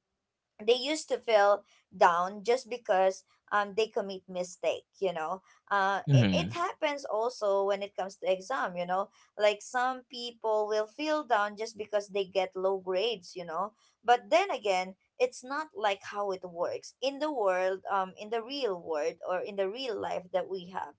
[SPEAKER 1] they used to feel down just because um, they commit mistake, you know. Uh, it, it
[SPEAKER 2] Hmm.
[SPEAKER 1] happens also when it comes to exam, you know, like some people will feel down just because they get low grades, you know. But then again, it's not like how it works in the world, um, in the real world or in the real life that we have.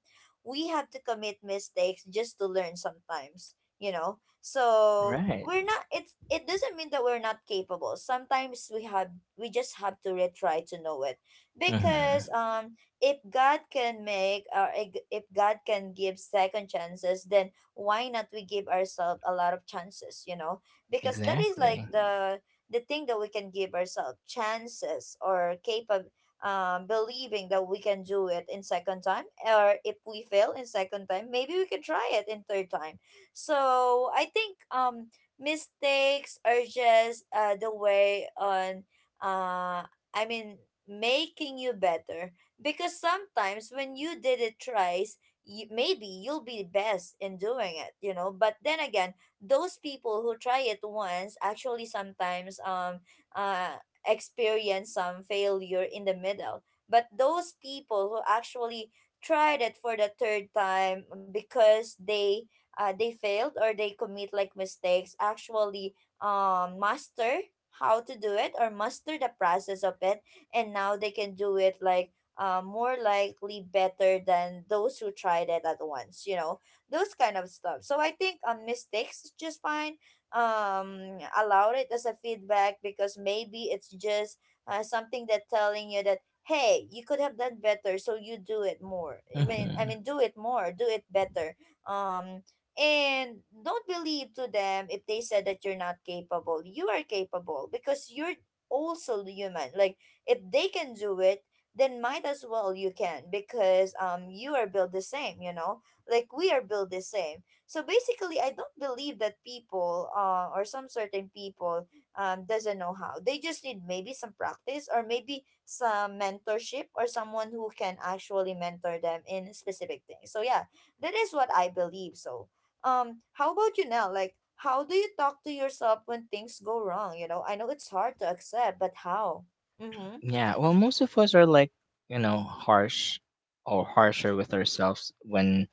[SPEAKER 1] We have to commit mistakes just to learn sometimes, you know. So
[SPEAKER 2] Right.
[SPEAKER 1] we're not, it's, it doesn't mean that we're not capable. Sometimes we have, we just have to really try to know it. Because
[SPEAKER 2] Hmm.
[SPEAKER 1] um if god can make, or ig- if god can give second chances, then why not we give ourselves a lot of chances, you know? Because that is like
[SPEAKER 2] Exactly.
[SPEAKER 1] the the thing that we can give ourselves chances, or capable, um believing that we can do it in second time, or if we fail in second time, maybe we can try it in third time. So I think um mistakes are just, uh, the way on, uh I mean, making you better. Because sometimes when you did it thrice, you, maybe you'll be best in doing it, you know. But then again, those people who try it once actually sometimes, um uh experience some failure in the middle. But those people who actually tried it for the third time, because they, uh, they failed or they commit like mistakes, actually um master how to do it, or master the process of it, and now they can do it like, uh, more likely better than those who tried it at once, you know, those kind of stuff. So I think, um, mistakes is just fine. Um allowed it as a feedback, because maybe it's just, uh, something that telling you that, hey, you could have done better, so you do it more. i mean i
[SPEAKER 2] Hmm.
[SPEAKER 1] mean do it more, do it better. um and don't believe to them if they said that you're not capable. You are capable, because you're also human. Like, if they can do it, then might as well you can, because um you are built the same, you know. Like we are built the same. So basically, I don't believe that people, uh, or some certain people, um doesn't know how. They just need maybe some practice, or maybe some mentorship, or someone who can actually mentor them in specific things. So yeah, that is what I believe. So um how about you now? Like, how do you talk to yourself when things go wrong? You know, I know it's hard to accept, but how? Mm-hmm.
[SPEAKER 2] Yeah, well, most of us are like, you know, harsh or harsher with ourselves when,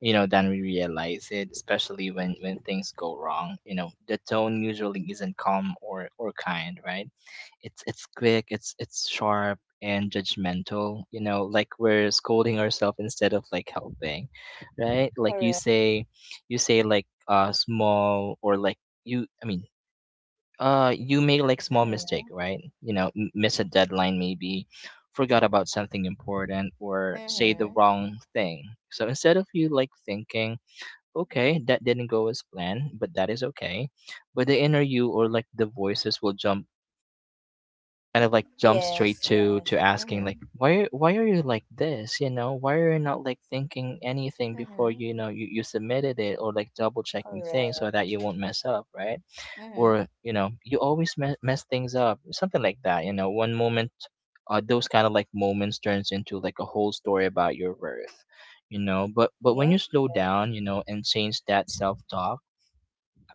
[SPEAKER 2] you know, than we realize it, especially when when things go wrong. You know, the tone usually isn't calm or or kind, right? It's it's quick, it's it's sharp and judgmental, you know, like we're scolding ourselves instead of like helping, right? Like you
[SPEAKER 1] Correct.
[SPEAKER 2] say you say like, uh small, or like, you I mean, uh you make like small mistake,
[SPEAKER 1] Mm-hmm.
[SPEAKER 2] right? You know, m- miss a deadline maybe, forgot about something important or say the
[SPEAKER 1] Mm-hmm.
[SPEAKER 2] wrong thing. So instead of you like thinking, okay, that didn't go as planned, but that is okay. But the inner you, or like the voices will jump kind of like jump
[SPEAKER 1] Yes.
[SPEAKER 2] straight to to
[SPEAKER 1] Yes.
[SPEAKER 2] asking like,
[SPEAKER 1] Mm-hmm.
[SPEAKER 2] why why are you like this, you know, why are you not like thinking anything before,
[SPEAKER 1] Mm-hmm.
[SPEAKER 2] you know, you, you submitted it, or like double checking
[SPEAKER 1] Correct.
[SPEAKER 2] things so that you won't mess up, right? Or
[SPEAKER 1] Mm-hmm.
[SPEAKER 2] you know, you always me- mess things up, something like that, you know. One moment, uh, those kind of like moments turns into like a whole story about your worth, you know. But but when you
[SPEAKER 1] Yes.
[SPEAKER 2] slow down, you know, and change that self-talk,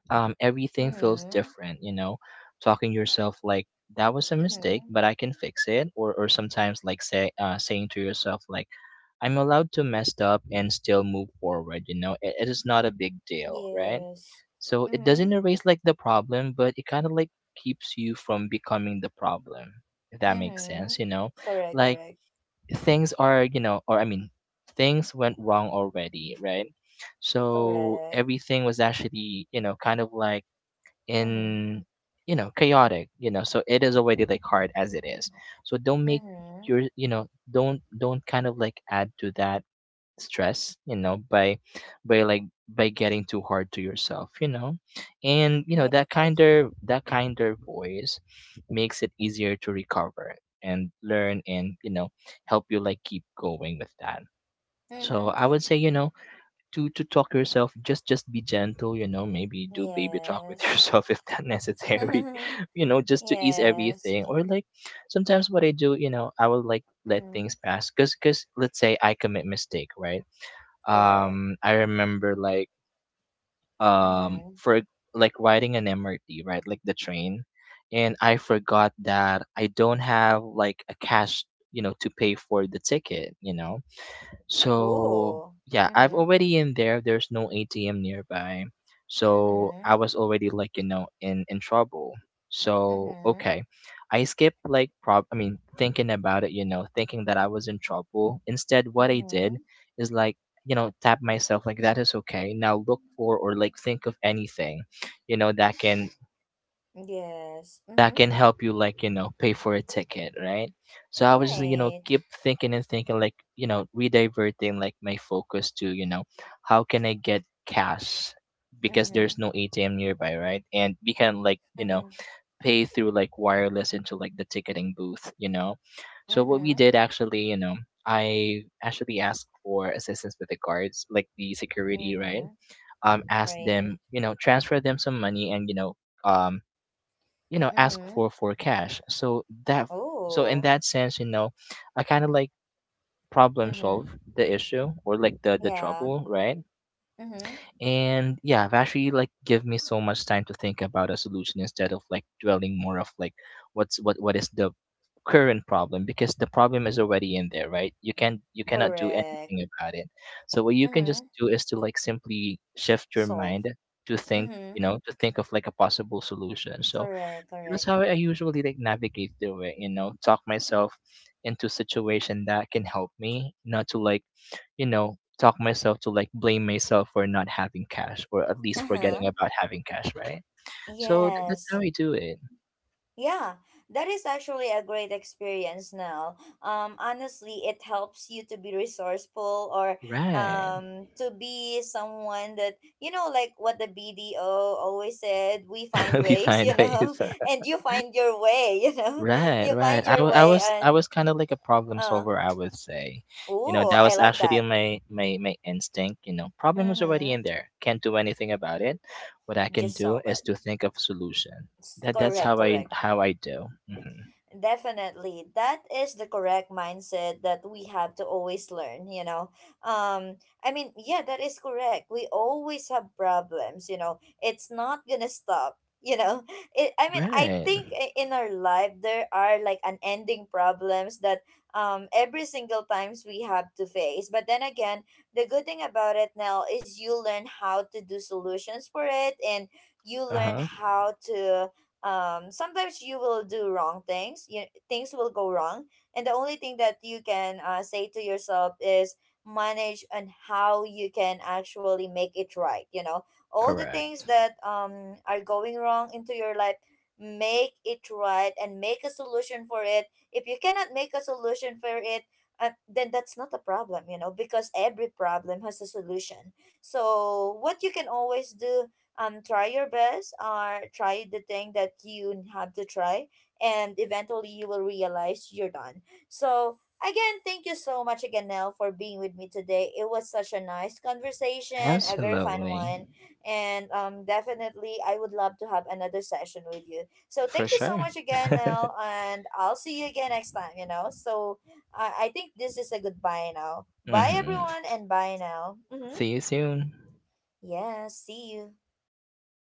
[SPEAKER 2] um everything feels
[SPEAKER 1] Mm-hmm.
[SPEAKER 2] different, you know. Talking to yourself like, that was a mistake,
[SPEAKER 1] Mm-hmm.
[SPEAKER 2] but I can fix it. Or or sometimes like say uh, saying to yourself like, I'm allowed to mess up and still move forward. You know, it, it is not a big deal, right?
[SPEAKER 1] Yes.
[SPEAKER 2] So it doesn't
[SPEAKER 1] Mm-hmm.
[SPEAKER 2] erase like the problem, but it kind of like keeps you from becoming the problem. If that makes
[SPEAKER 1] Mm-hmm.
[SPEAKER 2] sense, you know?
[SPEAKER 1] Correct.
[SPEAKER 2] Like,
[SPEAKER 1] Correct.
[SPEAKER 2] things are, you know, or I mean, things went wrong already, right? So
[SPEAKER 1] Correct.
[SPEAKER 2] everything was actually, you know, kind of like
[SPEAKER 1] Mm-hmm.
[SPEAKER 2] in, you know, chaotic, you know. So it is already like hard as it is. So don't make
[SPEAKER 1] Mm-hmm.
[SPEAKER 2] your, you know, don't don't kind of like add to that stress, you know, by by like by getting too hard to yourself, you know. And you know, that
[SPEAKER 1] Yes.
[SPEAKER 2] kinder that kinder voice makes it easier to recover and learn, and you know, help you like keep going with that. So I
[SPEAKER 1] Mm-hmm.
[SPEAKER 2] would say, you know, to to talk to yourself, just just be gentle, you know. Maybe do baby talk with
[SPEAKER 1] Yes.
[SPEAKER 2] yourself if that necessary you know, just to ease
[SPEAKER 1] Yes.
[SPEAKER 2] everything. Or like sometimes what I do, you know, I will like let
[SPEAKER 1] Mm-hmm.
[SPEAKER 2] things pass, because because let's say I commit mistake, right?
[SPEAKER 1] Correct.
[SPEAKER 2] um I remember like, um
[SPEAKER 1] Mm-hmm.
[SPEAKER 2] for like riding an M R T, right? Like the train. And I forgot that I don't have like a cash, you know, to pay for the ticket, you know. So
[SPEAKER 1] Ooh.
[SPEAKER 2] yeah, I've
[SPEAKER 1] Mm-hmm.
[SPEAKER 2] already in there. There's no A T M nearby, so I
[SPEAKER 1] Mm-hmm.
[SPEAKER 2] was already like, you know, in in trouble. So
[SPEAKER 1] Mm-hmm.
[SPEAKER 2] okay, I skipped like, prob. I mean, thinking about it, you know, thinking that I was in trouble. Instead, what I did
[SPEAKER 1] Mm-hmm.
[SPEAKER 2] is like, you know, tap myself like, that is okay. Now look for, or like think of anything, you know, that can,
[SPEAKER 1] Yes.
[SPEAKER 2] that
[SPEAKER 1] Mm-hmm.
[SPEAKER 2] can help you like, you know, pay for a ticket, right? So I was just, you know,
[SPEAKER 1] Right.
[SPEAKER 2] keep thinking and thinking, like, you know, rediverting like my focus to, you know, how can I get cash, because
[SPEAKER 1] Mm-hmm.
[SPEAKER 2] there's no A T M nearby, right? And we can like, you know,
[SPEAKER 1] Mm-hmm.
[SPEAKER 2] pay through like wireless into like the ticketing booth, you know. So what we
[SPEAKER 1] Mm-hmm.
[SPEAKER 2] did actually, you know, I actually asked for assistance with the guards like the security, right?
[SPEAKER 1] Mm-hmm.
[SPEAKER 2] Um asked
[SPEAKER 1] Right.
[SPEAKER 2] them, you know, transfer them some money, and you know, um you know, ask
[SPEAKER 1] Mm-hmm.
[SPEAKER 2] for for cash, so that, so in
[SPEAKER 1] Oh.
[SPEAKER 2] that sense, you know, I kind of like problem
[SPEAKER 1] Mm-hmm.
[SPEAKER 2] solve the issue, or like the the
[SPEAKER 1] Yeah.
[SPEAKER 2] trouble, right?
[SPEAKER 1] Mm-hmm.
[SPEAKER 2] And yeah, it actually like give me so much time to think about a solution, instead of like dwelling more of like what's what what is the current problem, because the problem is already in there, right? You can you cannot do
[SPEAKER 1] Correct.
[SPEAKER 2] anything about it. So what you can just
[SPEAKER 1] Mm-hmm.
[SPEAKER 2] do is to like simply shift your
[SPEAKER 1] Solve.
[SPEAKER 2] mind to think,
[SPEAKER 1] Mm-hmm.
[SPEAKER 2] you know to think of like a possible solution. So
[SPEAKER 1] Correct.
[SPEAKER 2] that's
[SPEAKER 1] Correct.
[SPEAKER 2] how I usually like navigate through it, you know, talk myself into situation that can help me, not to like, you know, talk myself to like blame myself for not having cash, or at least forgetting
[SPEAKER 1] Uh-huh.
[SPEAKER 2] about having cash, right? So th- that's how
[SPEAKER 1] Yes.
[SPEAKER 2] I do it.
[SPEAKER 1] Yeah, that is actually a great experience now. Um, honestly, it helps you to be resourceful, or
[SPEAKER 2] Right.
[SPEAKER 1] um, to be someone that, you know, like what the B D O always said, we find
[SPEAKER 2] We
[SPEAKER 1] ways,
[SPEAKER 2] find
[SPEAKER 1] you know,
[SPEAKER 2] ways.
[SPEAKER 1] and you find your way, you know,
[SPEAKER 2] Right,
[SPEAKER 1] you
[SPEAKER 2] right.
[SPEAKER 1] find
[SPEAKER 2] I,
[SPEAKER 1] your
[SPEAKER 2] wa- I
[SPEAKER 1] way.
[SPEAKER 2] was I
[SPEAKER 1] And,
[SPEAKER 2] was kind of like a problem
[SPEAKER 1] uh,
[SPEAKER 2] solver, I would say. You know,
[SPEAKER 1] oh,
[SPEAKER 2] that
[SPEAKER 1] I
[SPEAKER 2] was
[SPEAKER 1] like
[SPEAKER 2] actually
[SPEAKER 1] that.
[SPEAKER 2] my my my instinct, you know. Problem was already
[SPEAKER 1] Mm-hmm.
[SPEAKER 2] in there. Can't do anything about it. What I can
[SPEAKER 1] Just
[SPEAKER 2] do
[SPEAKER 1] solve
[SPEAKER 2] is
[SPEAKER 1] it.
[SPEAKER 2] to think of solution.
[SPEAKER 1] S-
[SPEAKER 2] That that's
[SPEAKER 1] Correct,
[SPEAKER 2] how I
[SPEAKER 1] correct.
[SPEAKER 2] how I do. Hmm.
[SPEAKER 1] Definitely. That is the correct mindset that we have to always learn, you know. Um I mean, yeah, that is correct. We always have problems, you know. It's not going to stop, you know. It, I mean, I
[SPEAKER 2] Right.
[SPEAKER 1] think, I- in our life there are like unending problems that um every single times we have to face. But then again, the good thing about it now is you learn how to do solutions for it, and you learn
[SPEAKER 2] Uh-huh.
[SPEAKER 1] how to um sometimes you will do wrong things. You, things will go wrong, and the only thing that you can, uh, say to yourself is manage, and how you can actually make it right, you know, all the things
[SPEAKER 2] Correct.
[SPEAKER 1] that um are going wrong into your life, make it right, and make a solution for it. If you cannot make a solution for it, uh, then that's not a problem, you know, because every problem has a solution. So what you can always do, um try your best, or try the thing that you have to try, and eventually you will realize you're done. So again, thank you so much again, Nell, for being with me today. It was such a nice conversation, a very fun one.
[SPEAKER 2] Absolutely.
[SPEAKER 1] And um definitely I would love to have another session with you. So thank
[SPEAKER 2] For
[SPEAKER 1] you so
[SPEAKER 2] sure.
[SPEAKER 1] much again, Nell, and I'll see you again next time, you know. So i, I think this is a goodbye now. Bye
[SPEAKER 2] Mm-hmm.
[SPEAKER 1] everyone, and bye now. Mm-hmm.
[SPEAKER 2] See you soon.
[SPEAKER 1] Yeah, see you.